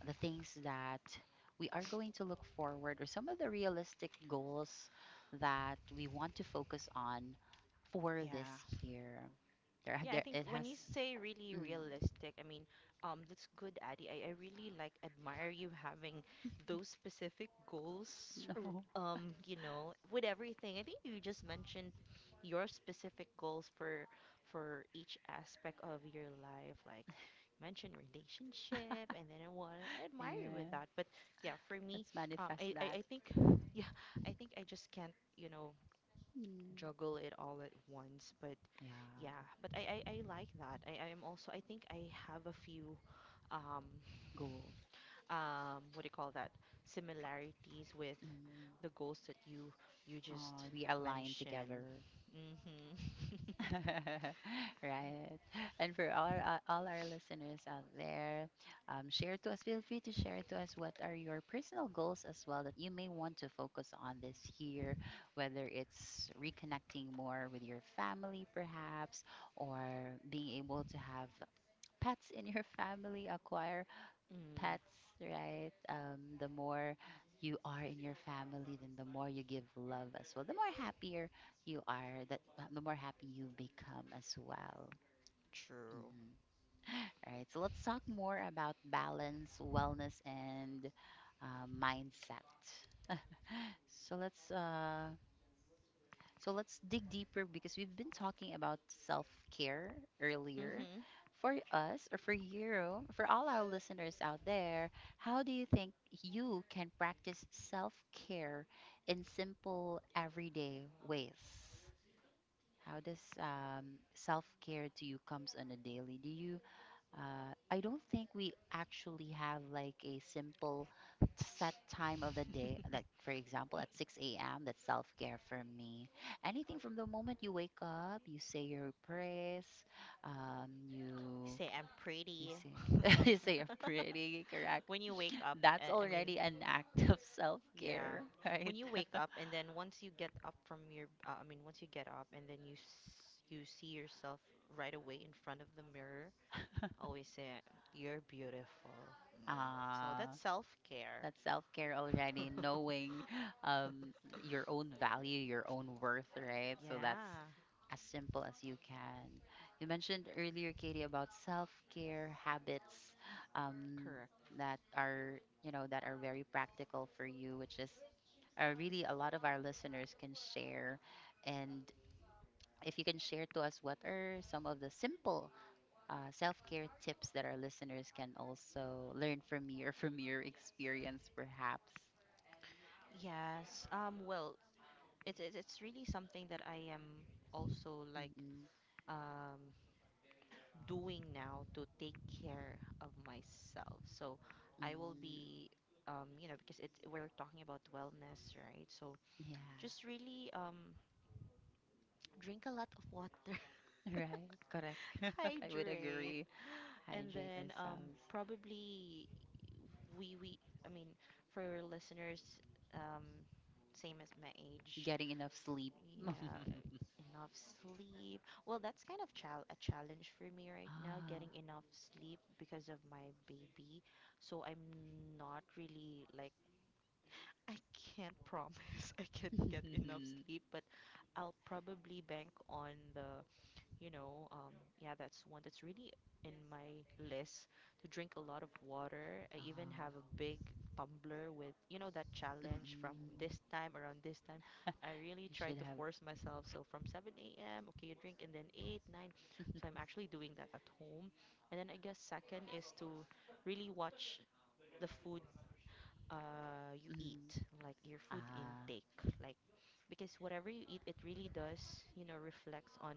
Speaker 1: the things that we are going to look forward, or some of the realistic goals that we want to focus on for this
Speaker 2: Yeah.
Speaker 1: year. There, are-
Speaker 2: Yeah, I
Speaker 1: there
Speaker 2: think
Speaker 1: it
Speaker 2: when
Speaker 1: has.
Speaker 2: you say really
Speaker 1: Mm,
Speaker 2: realistic, I mean, that's good, Addy. I really like admire you having those specific goals,
Speaker 1: no,
Speaker 2: with everything. I think you just mentioned your specific goals for each aspect of your life, like you mentioned relationship, and then I want to admire you with
Speaker 1: yeah,
Speaker 2: that. But yeah, for me,
Speaker 1: let's manifest
Speaker 2: I, I,
Speaker 1: that.
Speaker 2: I think, yeah, I think I just can't,
Speaker 1: Mm.
Speaker 2: juggle it all at once. But
Speaker 1: Yeah,
Speaker 2: yeah, but I like that. I am also, I think I have a few, um,
Speaker 1: goals.
Speaker 2: what do you call that? Similarities with
Speaker 1: Mm.
Speaker 2: the goals that you just
Speaker 1: We align
Speaker 2: mentioned.
Speaker 1: together.
Speaker 2: Mm-hmm.
Speaker 1: Right. And for all our listeners out there, share to us. Feel free to share to us what are your personal goals as well that you may want to focus on this year, whether it's reconnecting more with your family, perhaps, or being able to have pets in your family, acquire
Speaker 2: Mm,
Speaker 1: pets, right? The more you are in your family, then the more you give love as well. The more happier you are, that the more happy you become as well.
Speaker 2: true.
Speaker 1: Mm. All right. So let's talk more about balance, wellness, and mindset. So let's uh, So let's dig deeper because we've been talking about self care earlier.
Speaker 2: Mm-hmm.
Speaker 1: For us, or for you, for all our listeners out there, how do you think you can practice self care in simple, everyday ways? How does self care to you comes on a daily? Do you I don't think we actually have like a simple set time of the day. Like, for example, at 6 a.m., that's self care for me. Anything from the moment you wake up, you say your prayers, um, you.
Speaker 2: Say I'm
Speaker 1: You
Speaker 2: pretty.
Speaker 1: say, you say you're pretty, correct?
Speaker 2: When you wake up,
Speaker 1: That's
Speaker 2: I mean.
Speaker 1: already an act of self
Speaker 2: Yeah.
Speaker 1: care, right?
Speaker 2: When you wake up and then once you get up from your I mean once you get up, and then you, s you see yourself right away in front of the mirror, always say you're beautiful. So
Speaker 1: Ah.
Speaker 2: that's self-care.
Speaker 1: That's self-care already, knowing um, your own value, your own worth, right? So that's
Speaker 2: Yeah,
Speaker 1: as simple as you can. You mentioned earlier, Katie, about self-care habits um,
Speaker 2: correct.
Speaker 1: that are, you know, that are very practical for you, which is really a lot of our listeners can share. And if you can share to us what are some of the simple self-care tips that our listeners can also learn from you or from your experience, perhaps.
Speaker 2: Yes. Well, it's really something that I am also like,
Speaker 1: Mm-mm.
Speaker 2: um doing now to take care of myself. So I will
Speaker 1: Mm,
Speaker 2: be, because it's, we're talking about wellness, right? So
Speaker 1: yeah,
Speaker 2: just really drink a lot of water,
Speaker 1: right, correct. I would
Speaker 2: hydrate,
Speaker 1: agree.
Speaker 2: and
Speaker 1: Hydrate
Speaker 2: then
Speaker 1: ourselves.
Speaker 2: probably, we I mean, for your listeners, um, same as my age.
Speaker 1: Getting enough sleep.
Speaker 2: Yeah, enough sleep. Well, that's kind of chal a challenge for me right now, getting enough sleep because of my baby. So I'm not really like I can't promise I can
Speaker 1: Oh,
Speaker 2: get enough sleep, but I'll probably bank on the, yeah, that's one that's really in my list to drink a lot of water. I even
Speaker 1: oh.
Speaker 2: have a big tumbler with, that challenge from
Speaker 1: Mm-mm.
Speaker 2: this time around this time. I really
Speaker 1: You
Speaker 2: try
Speaker 1: should
Speaker 2: to
Speaker 1: have.
Speaker 2: force myself. So from 7 a.m., okay, you drink, and then 8, 9. So I'm actually doing that at home. And then I guess second is to really watch the food you
Speaker 1: Mm.
Speaker 2: eat, like your food
Speaker 1: Ah.
Speaker 2: intake, like because whatever you eat, it really does, reflects on,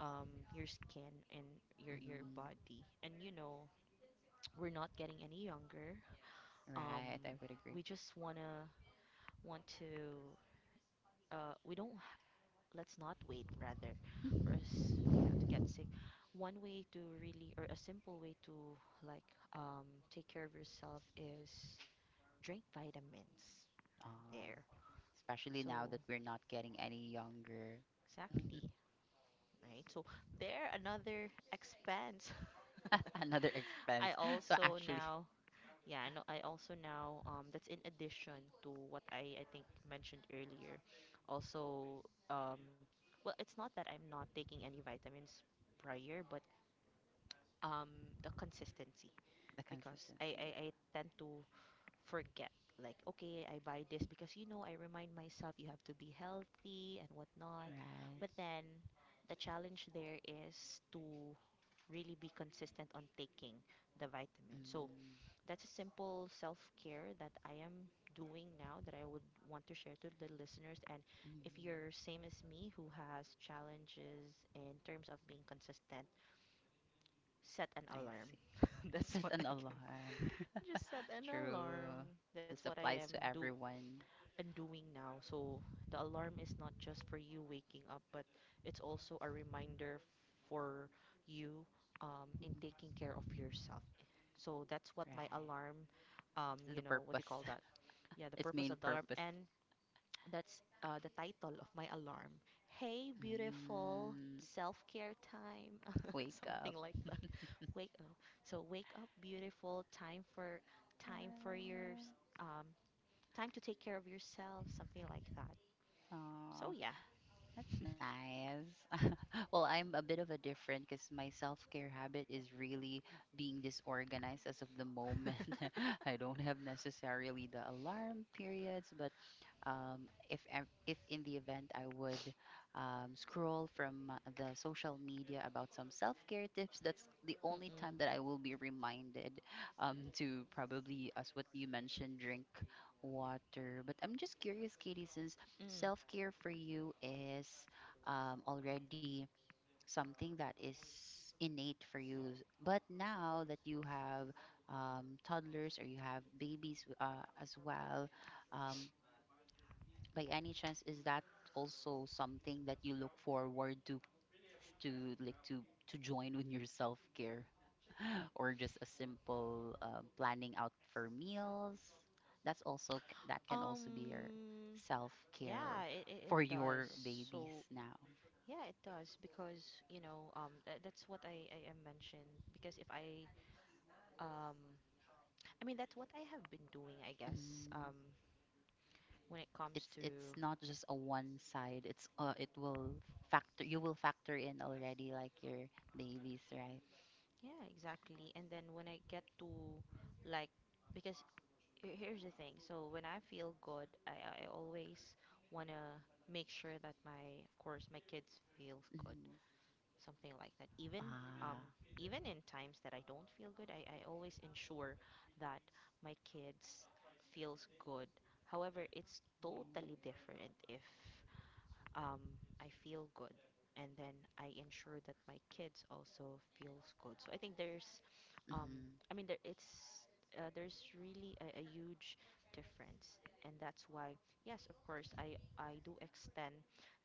Speaker 2: your skin and your
Speaker 1: Mm.
Speaker 2: body. And, we're not getting any younger. Um,
Speaker 1: Right, I would agree.
Speaker 2: we just wanna want to. We don't. H- Let's not wait rather, for us, you know, to get sick. One way to really, or a simple way to like um, take care of yourself is drink vitamins. There.
Speaker 1: Uh, Especially now
Speaker 2: So
Speaker 1: that we're not getting any younger.
Speaker 2: exactly. Right. So there another expense.
Speaker 1: Another expense.
Speaker 2: I
Speaker 1: So
Speaker 2: also
Speaker 1: actually,
Speaker 2: now Yeah, and I also now that's in addition to what I think mentioned earlier. Also, um well, it's not that I'm not taking any vitamins prior, but um the consistency
Speaker 1: the
Speaker 2: because I
Speaker 1: consistency.
Speaker 2: I, I tend to forget like okay I buy this because you know I remind myself you have to be healthy and whatnot,
Speaker 1: Right.
Speaker 2: but then the challenge there is to really be consistent on taking the
Speaker 1: Mm,
Speaker 2: vitamin. So
Speaker 1: mm,
Speaker 2: that's a simple self care that I am doing now that I would want to share to the listeners. And if you're same as me who has challenges in terms of being consistent, set an
Speaker 1: I
Speaker 2: alarm.
Speaker 1: see.
Speaker 2: that's
Speaker 1: Set
Speaker 2: what
Speaker 1: an
Speaker 2: I can.
Speaker 1: alarm.
Speaker 2: Just set an
Speaker 1: True.
Speaker 2: alarm. That's
Speaker 1: This
Speaker 2: what I am
Speaker 1: applies to
Speaker 2: do
Speaker 1: everyone.
Speaker 2: and doing now. So the alarm is not just for you waking up, but it's also a reminder for you in
Speaker 1: Mhm.
Speaker 2: taking care of yourself. So that's what
Speaker 1: Right.
Speaker 2: my alarm,
Speaker 1: The
Speaker 2: you know, what do you
Speaker 1: purpose.
Speaker 2: call that? Yeah, the
Speaker 1: Its
Speaker 2: purpose
Speaker 1: main
Speaker 2: of the alarm.
Speaker 1: purpose.
Speaker 2: And that's the title of my alarm. Hey, beautiful,
Speaker 1: Mm,
Speaker 2: self care time.
Speaker 1: wake
Speaker 2: Something
Speaker 1: up.
Speaker 2: like that. Wake up. So wake up, beautiful. Time for time for your
Speaker 1: Uh,
Speaker 2: s- um, time to take care of yourself, something like that. So yeah.
Speaker 1: that's nice. Well, I'm a bit of a different because my self care habit is really being disorganized as of the moment. I don't have necessarily the alarm periods, but if if in the event I would scroll from the social media about some self care tips, that's the only
Speaker 2: Mm-mm.
Speaker 1: time that I will be reminded to probably, as what you mentioned, drink water. But I'm just curious, Katie, since
Speaker 2: Mm.
Speaker 1: self care for you is already something that is innate for you. But now that you have toddlers or you have babies as well, um, by any chance, is that also something that you look forward to to like to to join with your self care? Or just a simple planning out for meals. That can also be your
Speaker 2: Um,
Speaker 1: self care
Speaker 2: yeah, it
Speaker 1: for
Speaker 2: does.
Speaker 1: your
Speaker 2: So,
Speaker 1: babies now.
Speaker 2: yeah, it does because, you know, that's what I mentioned. Because if I, um, I mean, that's what I have been doing, I guess,
Speaker 1: Mm.
Speaker 2: um, when it comes
Speaker 1: It's
Speaker 2: to,
Speaker 1: not just a one side. It will factor. You will factor in already like your babies, right?
Speaker 2: yeah, exactly. And then when I get to, like, because here's the thing. So when I feel good, I always wanna make sure that my, of course, my kids feels good,
Speaker 1: Mm.
Speaker 2: something like that. Even um,
Speaker 1: Ah.
Speaker 2: even in times that I don't feel good, I always ensure that my kids feels good. However, it's
Speaker 1: Mm.
Speaker 2: totally different if um, I feel good. And then I ensure that my kids also feels good. So I think there's, um,
Speaker 1: Mhm.
Speaker 2: I mean, there's really a huge difference, and that's why, yes, of course, I do extend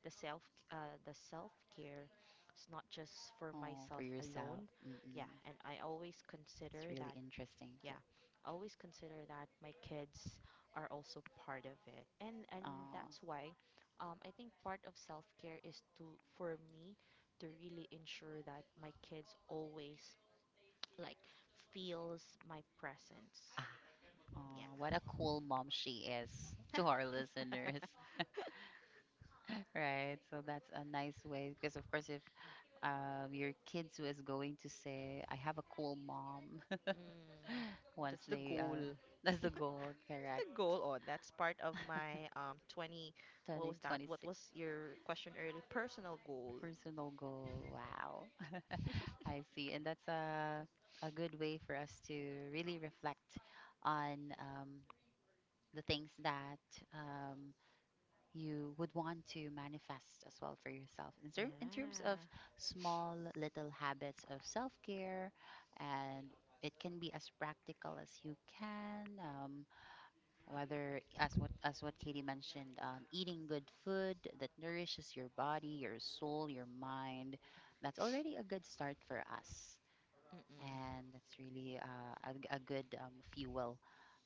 Speaker 2: the self the self care. It's not just for
Speaker 1: Oh, for
Speaker 2: myself
Speaker 1: yourself.
Speaker 2: alone, yeah,
Speaker 1: Mm-mm.
Speaker 2: and I always
Speaker 1: It's
Speaker 2: consider
Speaker 1: really
Speaker 2: that
Speaker 1: interesting too.
Speaker 2: yeah always consider that my kids are also part of it, and
Speaker 1: Oh.
Speaker 2: that's why I think part of self-care is to for me to really ensure that my kids always like feels my presence yeah
Speaker 1: Oh, what a cool mom she is to our listeners. Right. So that's a nice way because of course if your kids who is going to say I have a cool mom
Speaker 2: mm,
Speaker 1: once
Speaker 2: that's the
Speaker 1: they
Speaker 2: goal
Speaker 1: that's the
Speaker 2: that's
Speaker 1: goal, correct?
Speaker 2: the goal. Oh, that's part of my 20 what
Speaker 1: 2026
Speaker 2: was your question earlier personal goal.
Speaker 1: personal goal. Wow.
Speaker 2: Yeah.
Speaker 1: I see. And that's a good way for us to really reflect on the things that um, you would want to manifest as well for yourself in terms of small little habits of self care, and it can be as practical as you can. Whether as what Katie mentioned, eating good food that nourishes your body, your soul, your mind, that's already a good start for us,
Speaker 2: Mm-mm.
Speaker 1: and that's really a, g- a good fuel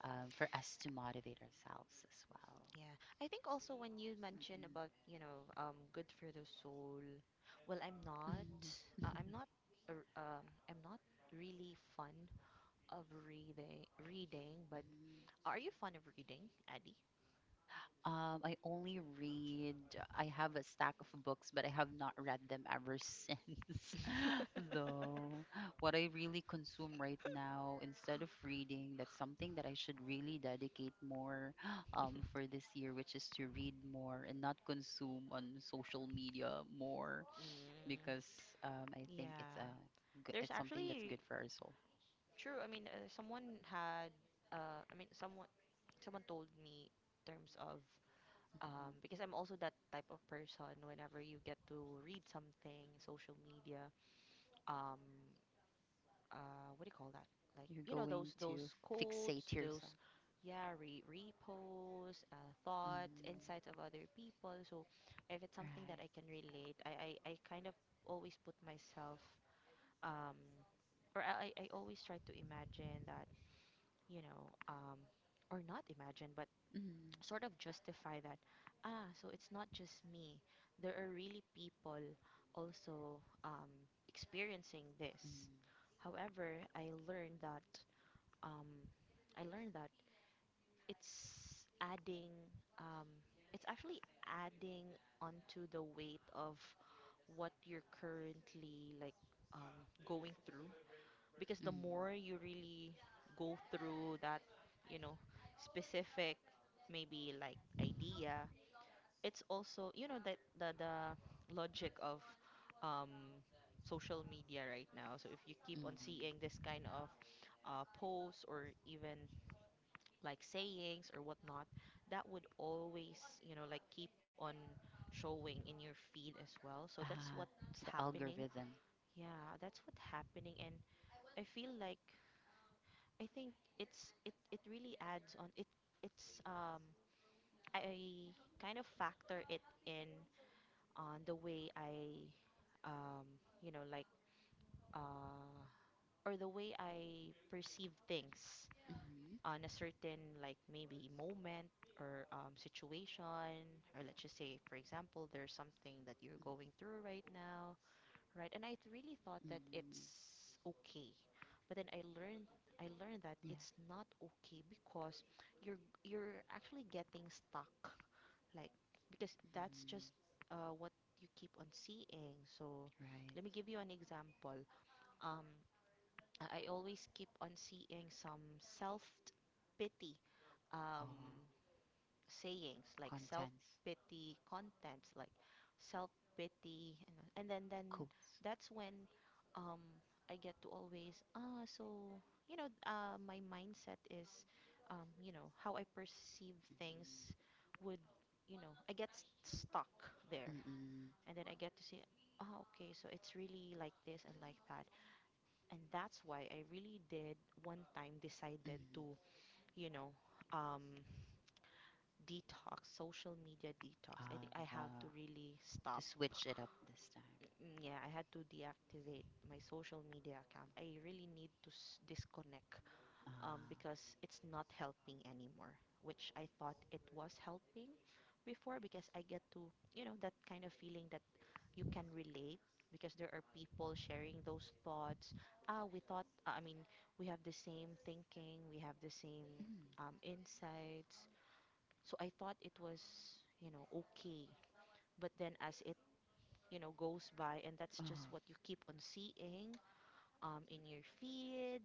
Speaker 1: for us to motivate ourselves as well.
Speaker 2: Yeah, I think also when you mention
Speaker 1: Mhm.
Speaker 2: about, you know, good for the soul. Well, I'm not, a r- I'm not really fond of reading. But
Speaker 1: Mm,
Speaker 2: are you fond of reading, Addy?
Speaker 1: um, I only read, I have a stack of books, but I have not read them ever since, though. What I really consume right now, instead of reading, that's something that I should really dedicate more for this year, which is to read more and not consume on social media more,
Speaker 2: Mm,
Speaker 1: because I think it's
Speaker 2: yeah. There's
Speaker 1: it's something that's
Speaker 2: actually
Speaker 1: good for our soul.
Speaker 2: true. I mean, someone had. I mean, someone someone told me in terms of because I'm also that type of person. Whenever you get to read something, social media, um what do you call that like
Speaker 1: You're
Speaker 2: you know
Speaker 1: going
Speaker 2: those
Speaker 1: to
Speaker 2: those quotes
Speaker 1: fixate yourself.
Speaker 2: those yeah reposts thoughts
Speaker 1: Mm.
Speaker 2: insights of other people so if it's
Speaker 1: Right.
Speaker 2: something that I can relate I kind of always put myself um or I always try to imagine that you know or not imagine but
Speaker 1: Mm.
Speaker 2: sort of justify that ah so it's not just me there are really people also experiencing this
Speaker 1: Mm.
Speaker 2: however um, I learned that it's adding um, it's actually adding onto the weight of what you're currently like going through because the
Speaker 1: Mm.
Speaker 2: more you really go through that, you know, specific maybe like idea, it's also, you know, that the logic of um social media right now. So if you keep on seeing
Speaker 1: Mm.
Speaker 2: this kind of posts or even like sayings or whatnot, that would always, you know, like keep on showing in your feed as well. So that's
Speaker 1: Ah,
Speaker 2: what's
Speaker 1: the
Speaker 2: happening.
Speaker 1: algorithm.
Speaker 2: Yeah, that's what's happening. And I feel like I think it's it really adds on it it's I kind of factor it in on the way I, you know uh or the way I perceive things
Speaker 1: Mm-hmm.
Speaker 2: on a certain like maybe moment or situation or let's just say for example there's something that you're going through right now right? And I really thought that
Speaker 1: Mm.
Speaker 2: it's okay, but then I learned that
Speaker 1: Yeah.
Speaker 2: it's not okay because you're you're actually getting stuck, like because that's
Speaker 1: Mm,
Speaker 2: just what you keep on seeing. So
Speaker 1: right.
Speaker 2: let me give you an example. Um, I always keep on seeing some self pity
Speaker 1: Oh,
Speaker 2: um, sayings like self
Speaker 1: contents,
Speaker 2: pity contents like self pity and then
Speaker 1: codes.
Speaker 2: that's when um I get to always ah so you know my mindset is you know how I perceive things would you know I get stuck there
Speaker 1: Mm, mm,
Speaker 2: and then I get to say ah okay so it's really like this and like that and that's why I really did one time decided
Speaker 1: mm.
Speaker 2: to you know um Detox, social media detox. I think I
Speaker 1: Uh,
Speaker 2: have to really
Speaker 1: to
Speaker 2: stop.
Speaker 1: switch it up this time.
Speaker 2: Mm, mm, yeah, I had to deactivate my social media account. I really need to disconnect
Speaker 1: Uh,
Speaker 2: because it's not helping anymore, which I thought it was helping before because I get to, you know, that kind of feeling that you can relate because there are people sharing those thoughts. Ah, we thought, I mean, we have the same thinking, we have the same insights so I thought it was, you know, okay. But then as it, you know, goes by and that's just
Speaker 1: oh,
Speaker 2: what you keep on seeing in your feed.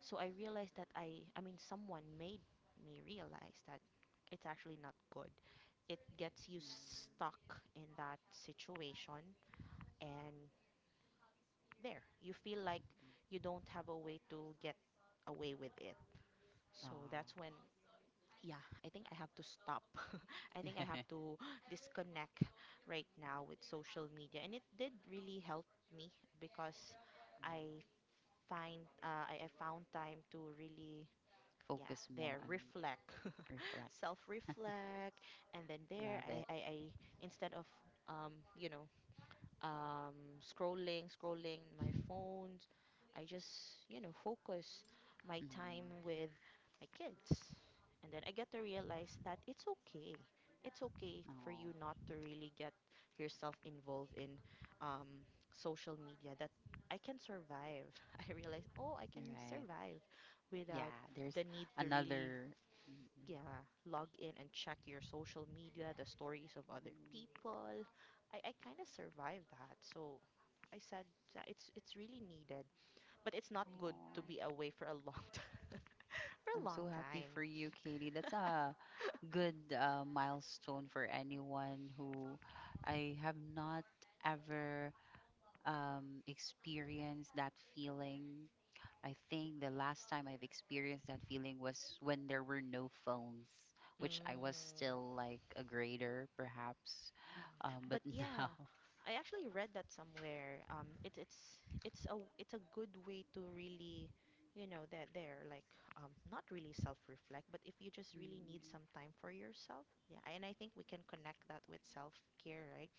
Speaker 2: So I realized that I mean someone made me realize that it's actually not good. It gets you stuck in that situation and there you feel like you don't have a way to get away with it. So
Speaker 1: oh.
Speaker 2: that's when yeah, I think I have to stop. I think I have to disconnect right now with social media. And it did really help me because
Speaker 1: Mm.
Speaker 2: I find I found time to really yeah,
Speaker 1: Focus more
Speaker 2: there
Speaker 1: on
Speaker 2: reflect,
Speaker 1: reflect.
Speaker 2: self-reflect, and then there
Speaker 1: Love
Speaker 2: I,
Speaker 1: it.
Speaker 2: I, I instead of um, you know scrolling, scrolling my phones. I just, you know, focus my
Speaker 1: Mm.
Speaker 2: time with my kids. And then I get to realize that it's okay. It's okay for
Speaker 1: Oh.
Speaker 2: you not to really get yourself involved in um, social media. That I can survive. I realize, oh, I can
Speaker 1: Right.
Speaker 2: survive without
Speaker 1: Yeah, there's
Speaker 2: the need to really
Speaker 1: another. Mm, mm.
Speaker 2: yeah, log in and check your social media, the stories of other people. I kind of survived that. So I said that it's really needed, but it's not good to
Speaker 1: Oh,
Speaker 2: be away for a long time. For a
Speaker 1: I'm
Speaker 2: long
Speaker 1: so happy
Speaker 2: time.
Speaker 1: for you, Katie. That's a good milestone for anyone who I have not ever experienced that feeling. I think the last time I've experienced that feeling was when there were no phones, which I was
Speaker 2: Mm.
Speaker 1: still like a grader, perhaps. But
Speaker 2: But
Speaker 1: now,
Speaker 2: yeah, I actually read that somewhere. It's a good way to really, you know, that they're, like not really self-reflect, but if you just really need
Speaker 1: mm,
Speaker 2: some time for yourself, yeah. And I think we can connect that with self-care, right?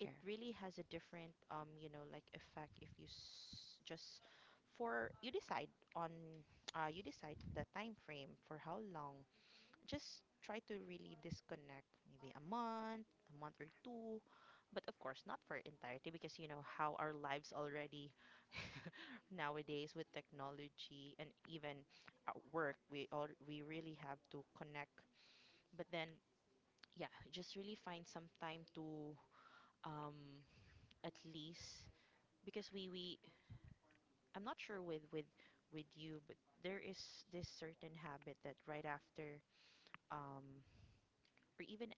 Speaker 2: It really has a different you know like effect if you s just for you decide on you decide the time frame for how long just try to really disconnect maybe a month or two but of course not for entirety because you know how our lives already nowadays with technology and even at work we really have to connect but then yeah just really find some time to um at least because we I'm not sure with you but there is this certain habit that right after um or even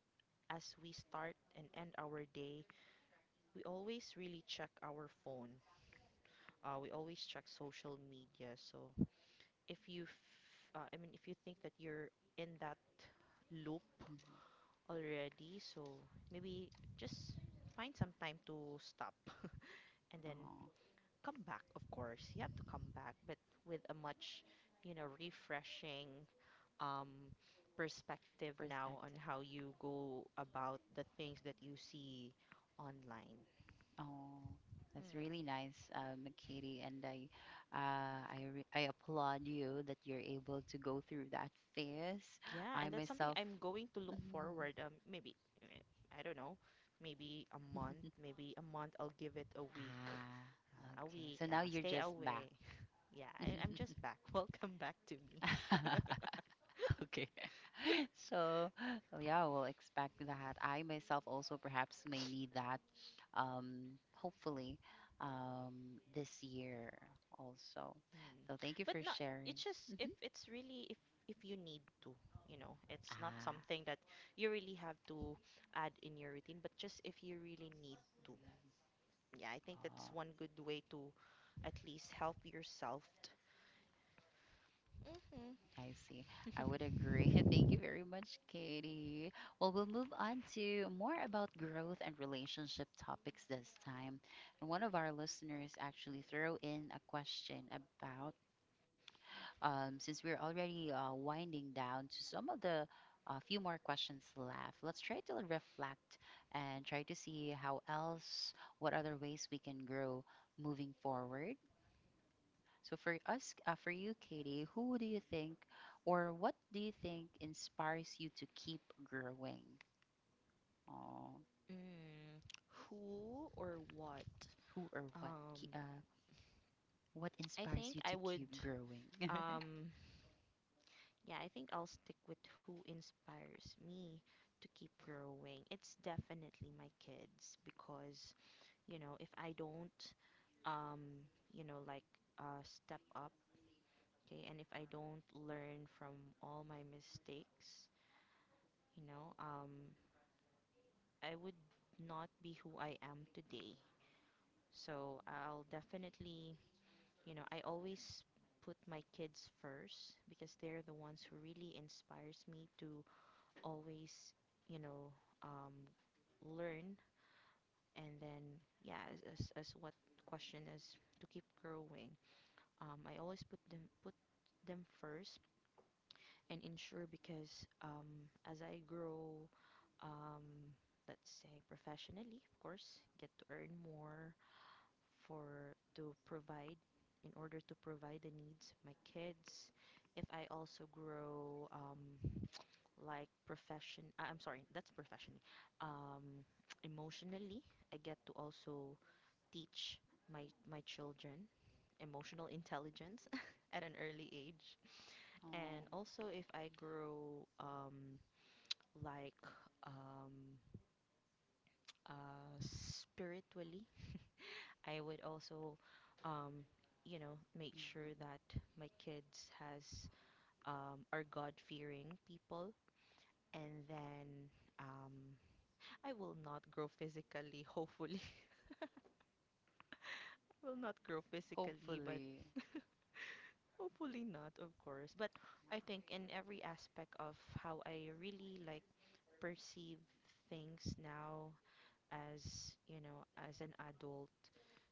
Speaker 2: as we start and end our day, we always really check our phone. We always check social media. So if I mean, if you think that you're in that loop
Speaker 1: Mhm.
Speaker 2: already, so maybe just find some time to stop and then
Speaker 1: Oh,
Speaker 2: come back. Of course, you have to come back, but with a much, you know, refreshing um, perspective now on
Speaker 1: perspective.
Speaker 2: how you go about the things that you see online.
Speaker 1: Oh, that's
Speaker 2: Mm.
Speaker 1: really nice, Makati, and I applaud you that you're able to go through that phase.
Speaker 2: Yeah,
Speaker 1: I
Speaker 2: and that's something
Speaker 1: myself,
Speaker 2: I'm going to look
Speaker 1: mhm.
Speaker 2: forward. Maybe eh, I don't know, maybe a month, maybe a month. I'll give it a week,
Speaker 1: Ah,
Speaker 2: a
Speaker 1: okay.
Speaker 2: week.
Speaker 1: So now you're
Speaker 2: Stay
Speaker 1: just back.
Speaker 2: away. Yeah, I'm just back. Welcome back to me.
Speaker 1: Okay. So, oh yeah, we'll expect that. I myself also perhaps may need that, hopefully, this year also.
Speaker 2: Hmm.
Speaker 1: So thank you
Speaker 2: But
Speaker 1: for
Speaker 2: no,
Speaker 1: sharing.
Speaker 2: it's just if
Speaker 1: Mm-hmm.
Speaker 2: it's really if you need to, you know, it's not
Speaker 1: Ah.
Speaker 2: something that you really have to add in your routine, but just if you really need to.
Speaker 1: Mm-hmm.
Speaker 2: Yeah, I think that's
Speaker 1: Oh.
Speaker 2: one good way to at least help yourself. Mm-hmm.
Speaker 1: I see. I would agree. Thank you very much, Katie. Well, we'll move on to more about growth and relationship topics this time. And one of our listeners actually threw in a question about since we're already winding down to some of the few more questions left, let's try to reflect and try to see how else, what other ways we can grow moving forward. So for us, for you, Katie, who do you think, or what do you think inspires you to keep growing? Oh,
Speaker 2: Mm, who or what?
Speaker 1: who or what? Ke-
Speaker 2: Um,
Speaker 1: uh, what
Speaker 2: I
Speaker 1: inspires
Speaker 2: think
Speaker 1: you
Speaker 2: I
Speaker 1: to
Speaker 2: would.
Speaker 1: keep growing?
Speaker 2: Um, yeah, I think I'll stick with who inspires me to keep growing. It's definitely my kids because, you know, if I don't, you know, like step up, okay, and if I don't learn from all my mistakes, you know, I would not be who I am today. So I'll definitely you know, I always put my kids first because they're the ones who really inspires me to always, you know, um, learn and then yeah, as what question is to keep growing. I always put them first and ensure because as I grow, um, let's say professionally, of course, get to earn more for to provide in order to provide the needs of my kids if I also grow like profession I- I'm sorry that's professionally um emotionally I get to also teach my children emotional intelligence at an early age
Speaker 1: Oh,
Speaker 2: and also if I grow like um spiritually I would also, um, you know, make
Speaker 1: mhm.
Speaker 2: sure that my kids has are God fearing people, and then um, I will not grow physically. Hopefully, I will not grow physically, but
Speaker 1: Hopefully.
Speaker 2: hopefully not, of course. But I think in every aspect of how I really like perceive things now as you know as an adult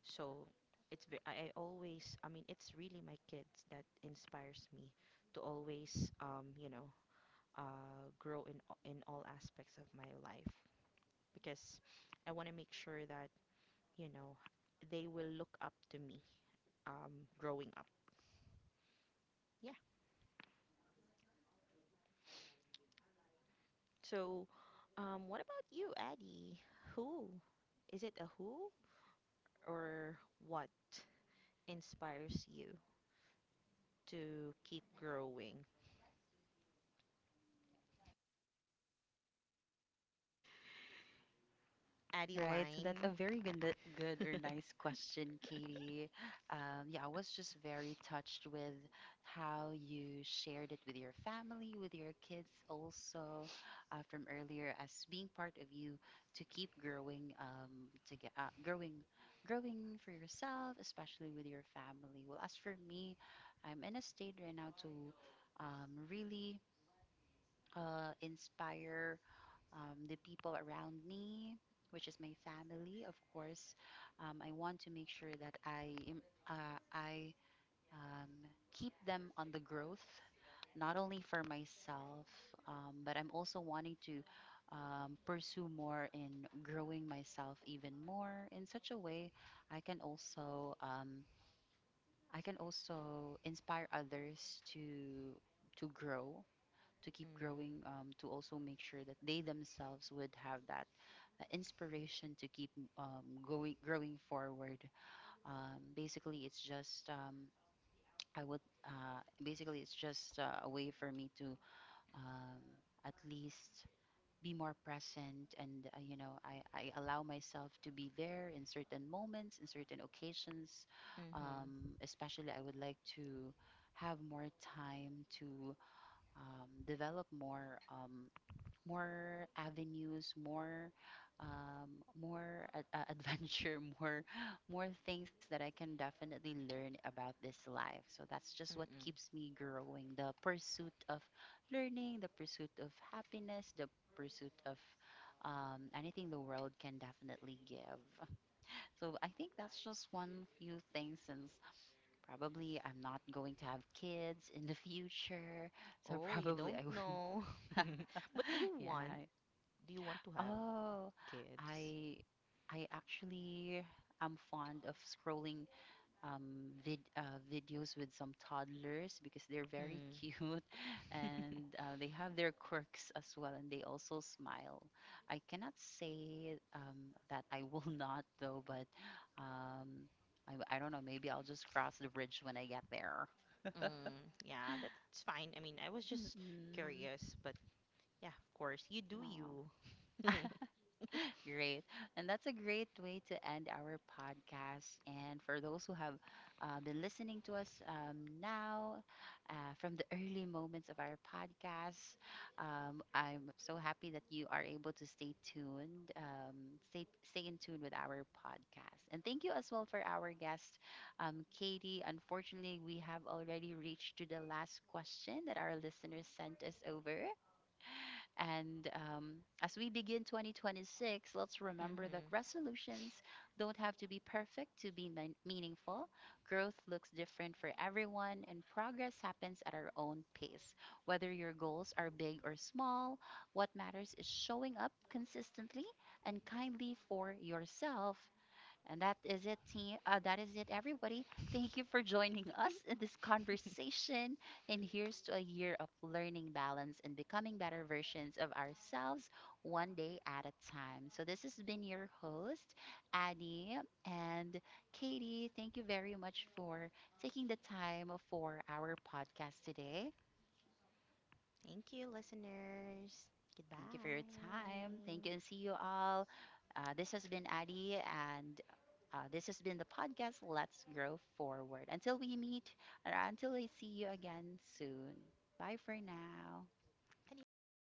Speaker 2: so it's ve- I always I mean it's really my kids that inspires me to always you know grow in all aspects of my life because I want to make sure that you know they will look up to me growing up yeah so what about you Addie who is it a who or what inspires you to keep growing
Speaker 1: Right, so that's a
Speaker 2: Adeline.
Speaker 1: very good, good or nice question, Katie. Yeah, I was just very touched with how you shared it with your family, with your kids, also from earlier as being part of you to keep growing, growing for yourself, especially with your family. Well, as for me, I'm in a state right now to really inspire the people around me, which is my family, of course. I want to make sure that I um, keep them on the growth, not only for myself, but I'm also wanting to pursue more in growing myself even more in such a way I can also um, I can also inspire others to grow to keep
Speaker 2: Mm,
Speaker 1: growing, to also make sure that they themselves would have that inspiration to keep growing forward. Basically, it's just I would basically it's just a way for me to um, at least be more present and you know I allow myself to be there in certain moments in certain occasions
Speaker 2: mm-hmm,
Speaker 1: especially I would like to have more time to develop more more avenues, more um, adventure, more things that I can definitely learn about this life. So that's just what
Speaker 2: mm-mm.
Speaker 1: keeps me growing, the pursuit of learning, the pursuit of happiness, the pursuit of anything the world can definitely give. So I think that's just one few things since probably I'm not going to have kids in the future. So
Speaker 2: Oh, you
Speaker 1: probably
Speaker 2: don't
Speaker 1: I would.
Speaker 2: know. But
Speaker 1: Yeah,
Speaker 2: do you want to have
Speaker 1: oh,
Speaker 2: kids?
Speaker 1: I I actually am fond of scrolling videos with some toddlers because they're very
Speaker 2: Mm,
Speaker 1: cute and they have their quirks as well and they also smile. I cannot say that I will not though, but um I don't know, maybe I'll just cross the bridge when I get there.
Speaker 2: mm, yeah, that's fine. I mean, I was just
Speaker 1: Mm-mm.
Speaker 2: curious, but yeah, of course, you do
Speaker 1: No.
Speaker 2: you.
Speaker 1: Great. And that's a great way to end our podcast. And for those who have been listening to us now, from the early moments of our podcast, I'm so happy that you are able to stay tuned, stay in tune with our podcast. And thank you as well for our guest, Katie. Unfortunately, we have already reached to the last question that our listeners sent us over. And as we begin 2026, let's remember that
Speaker 2: Mm-hmm.
Speaker 1: resolutions don't have to be perfect to be mean- meaningful. Growth looks different for everyone, and progress happens at our own pace. Whether your goals are big or small, what matters is showing up consistently and kindly for yourself and that is it, team. That is it, everybody. Thank you for joining us in this conversation. And here's to a year of learning balance and becoming better versions of ourselves one day at a time. So, this has been your host, Addie and Katie. Thank you very much for taking the time for our podcast today.
Speaker 2: Thank you, listeners. Goodbye.
Speaker 1: Thank you for your time. Thank you and see you all. This has been Addie, and this has been the podcast. Let's grow forward. Until we meet, or until I see you again soon. Bye for now.
Speaker 2: Adios.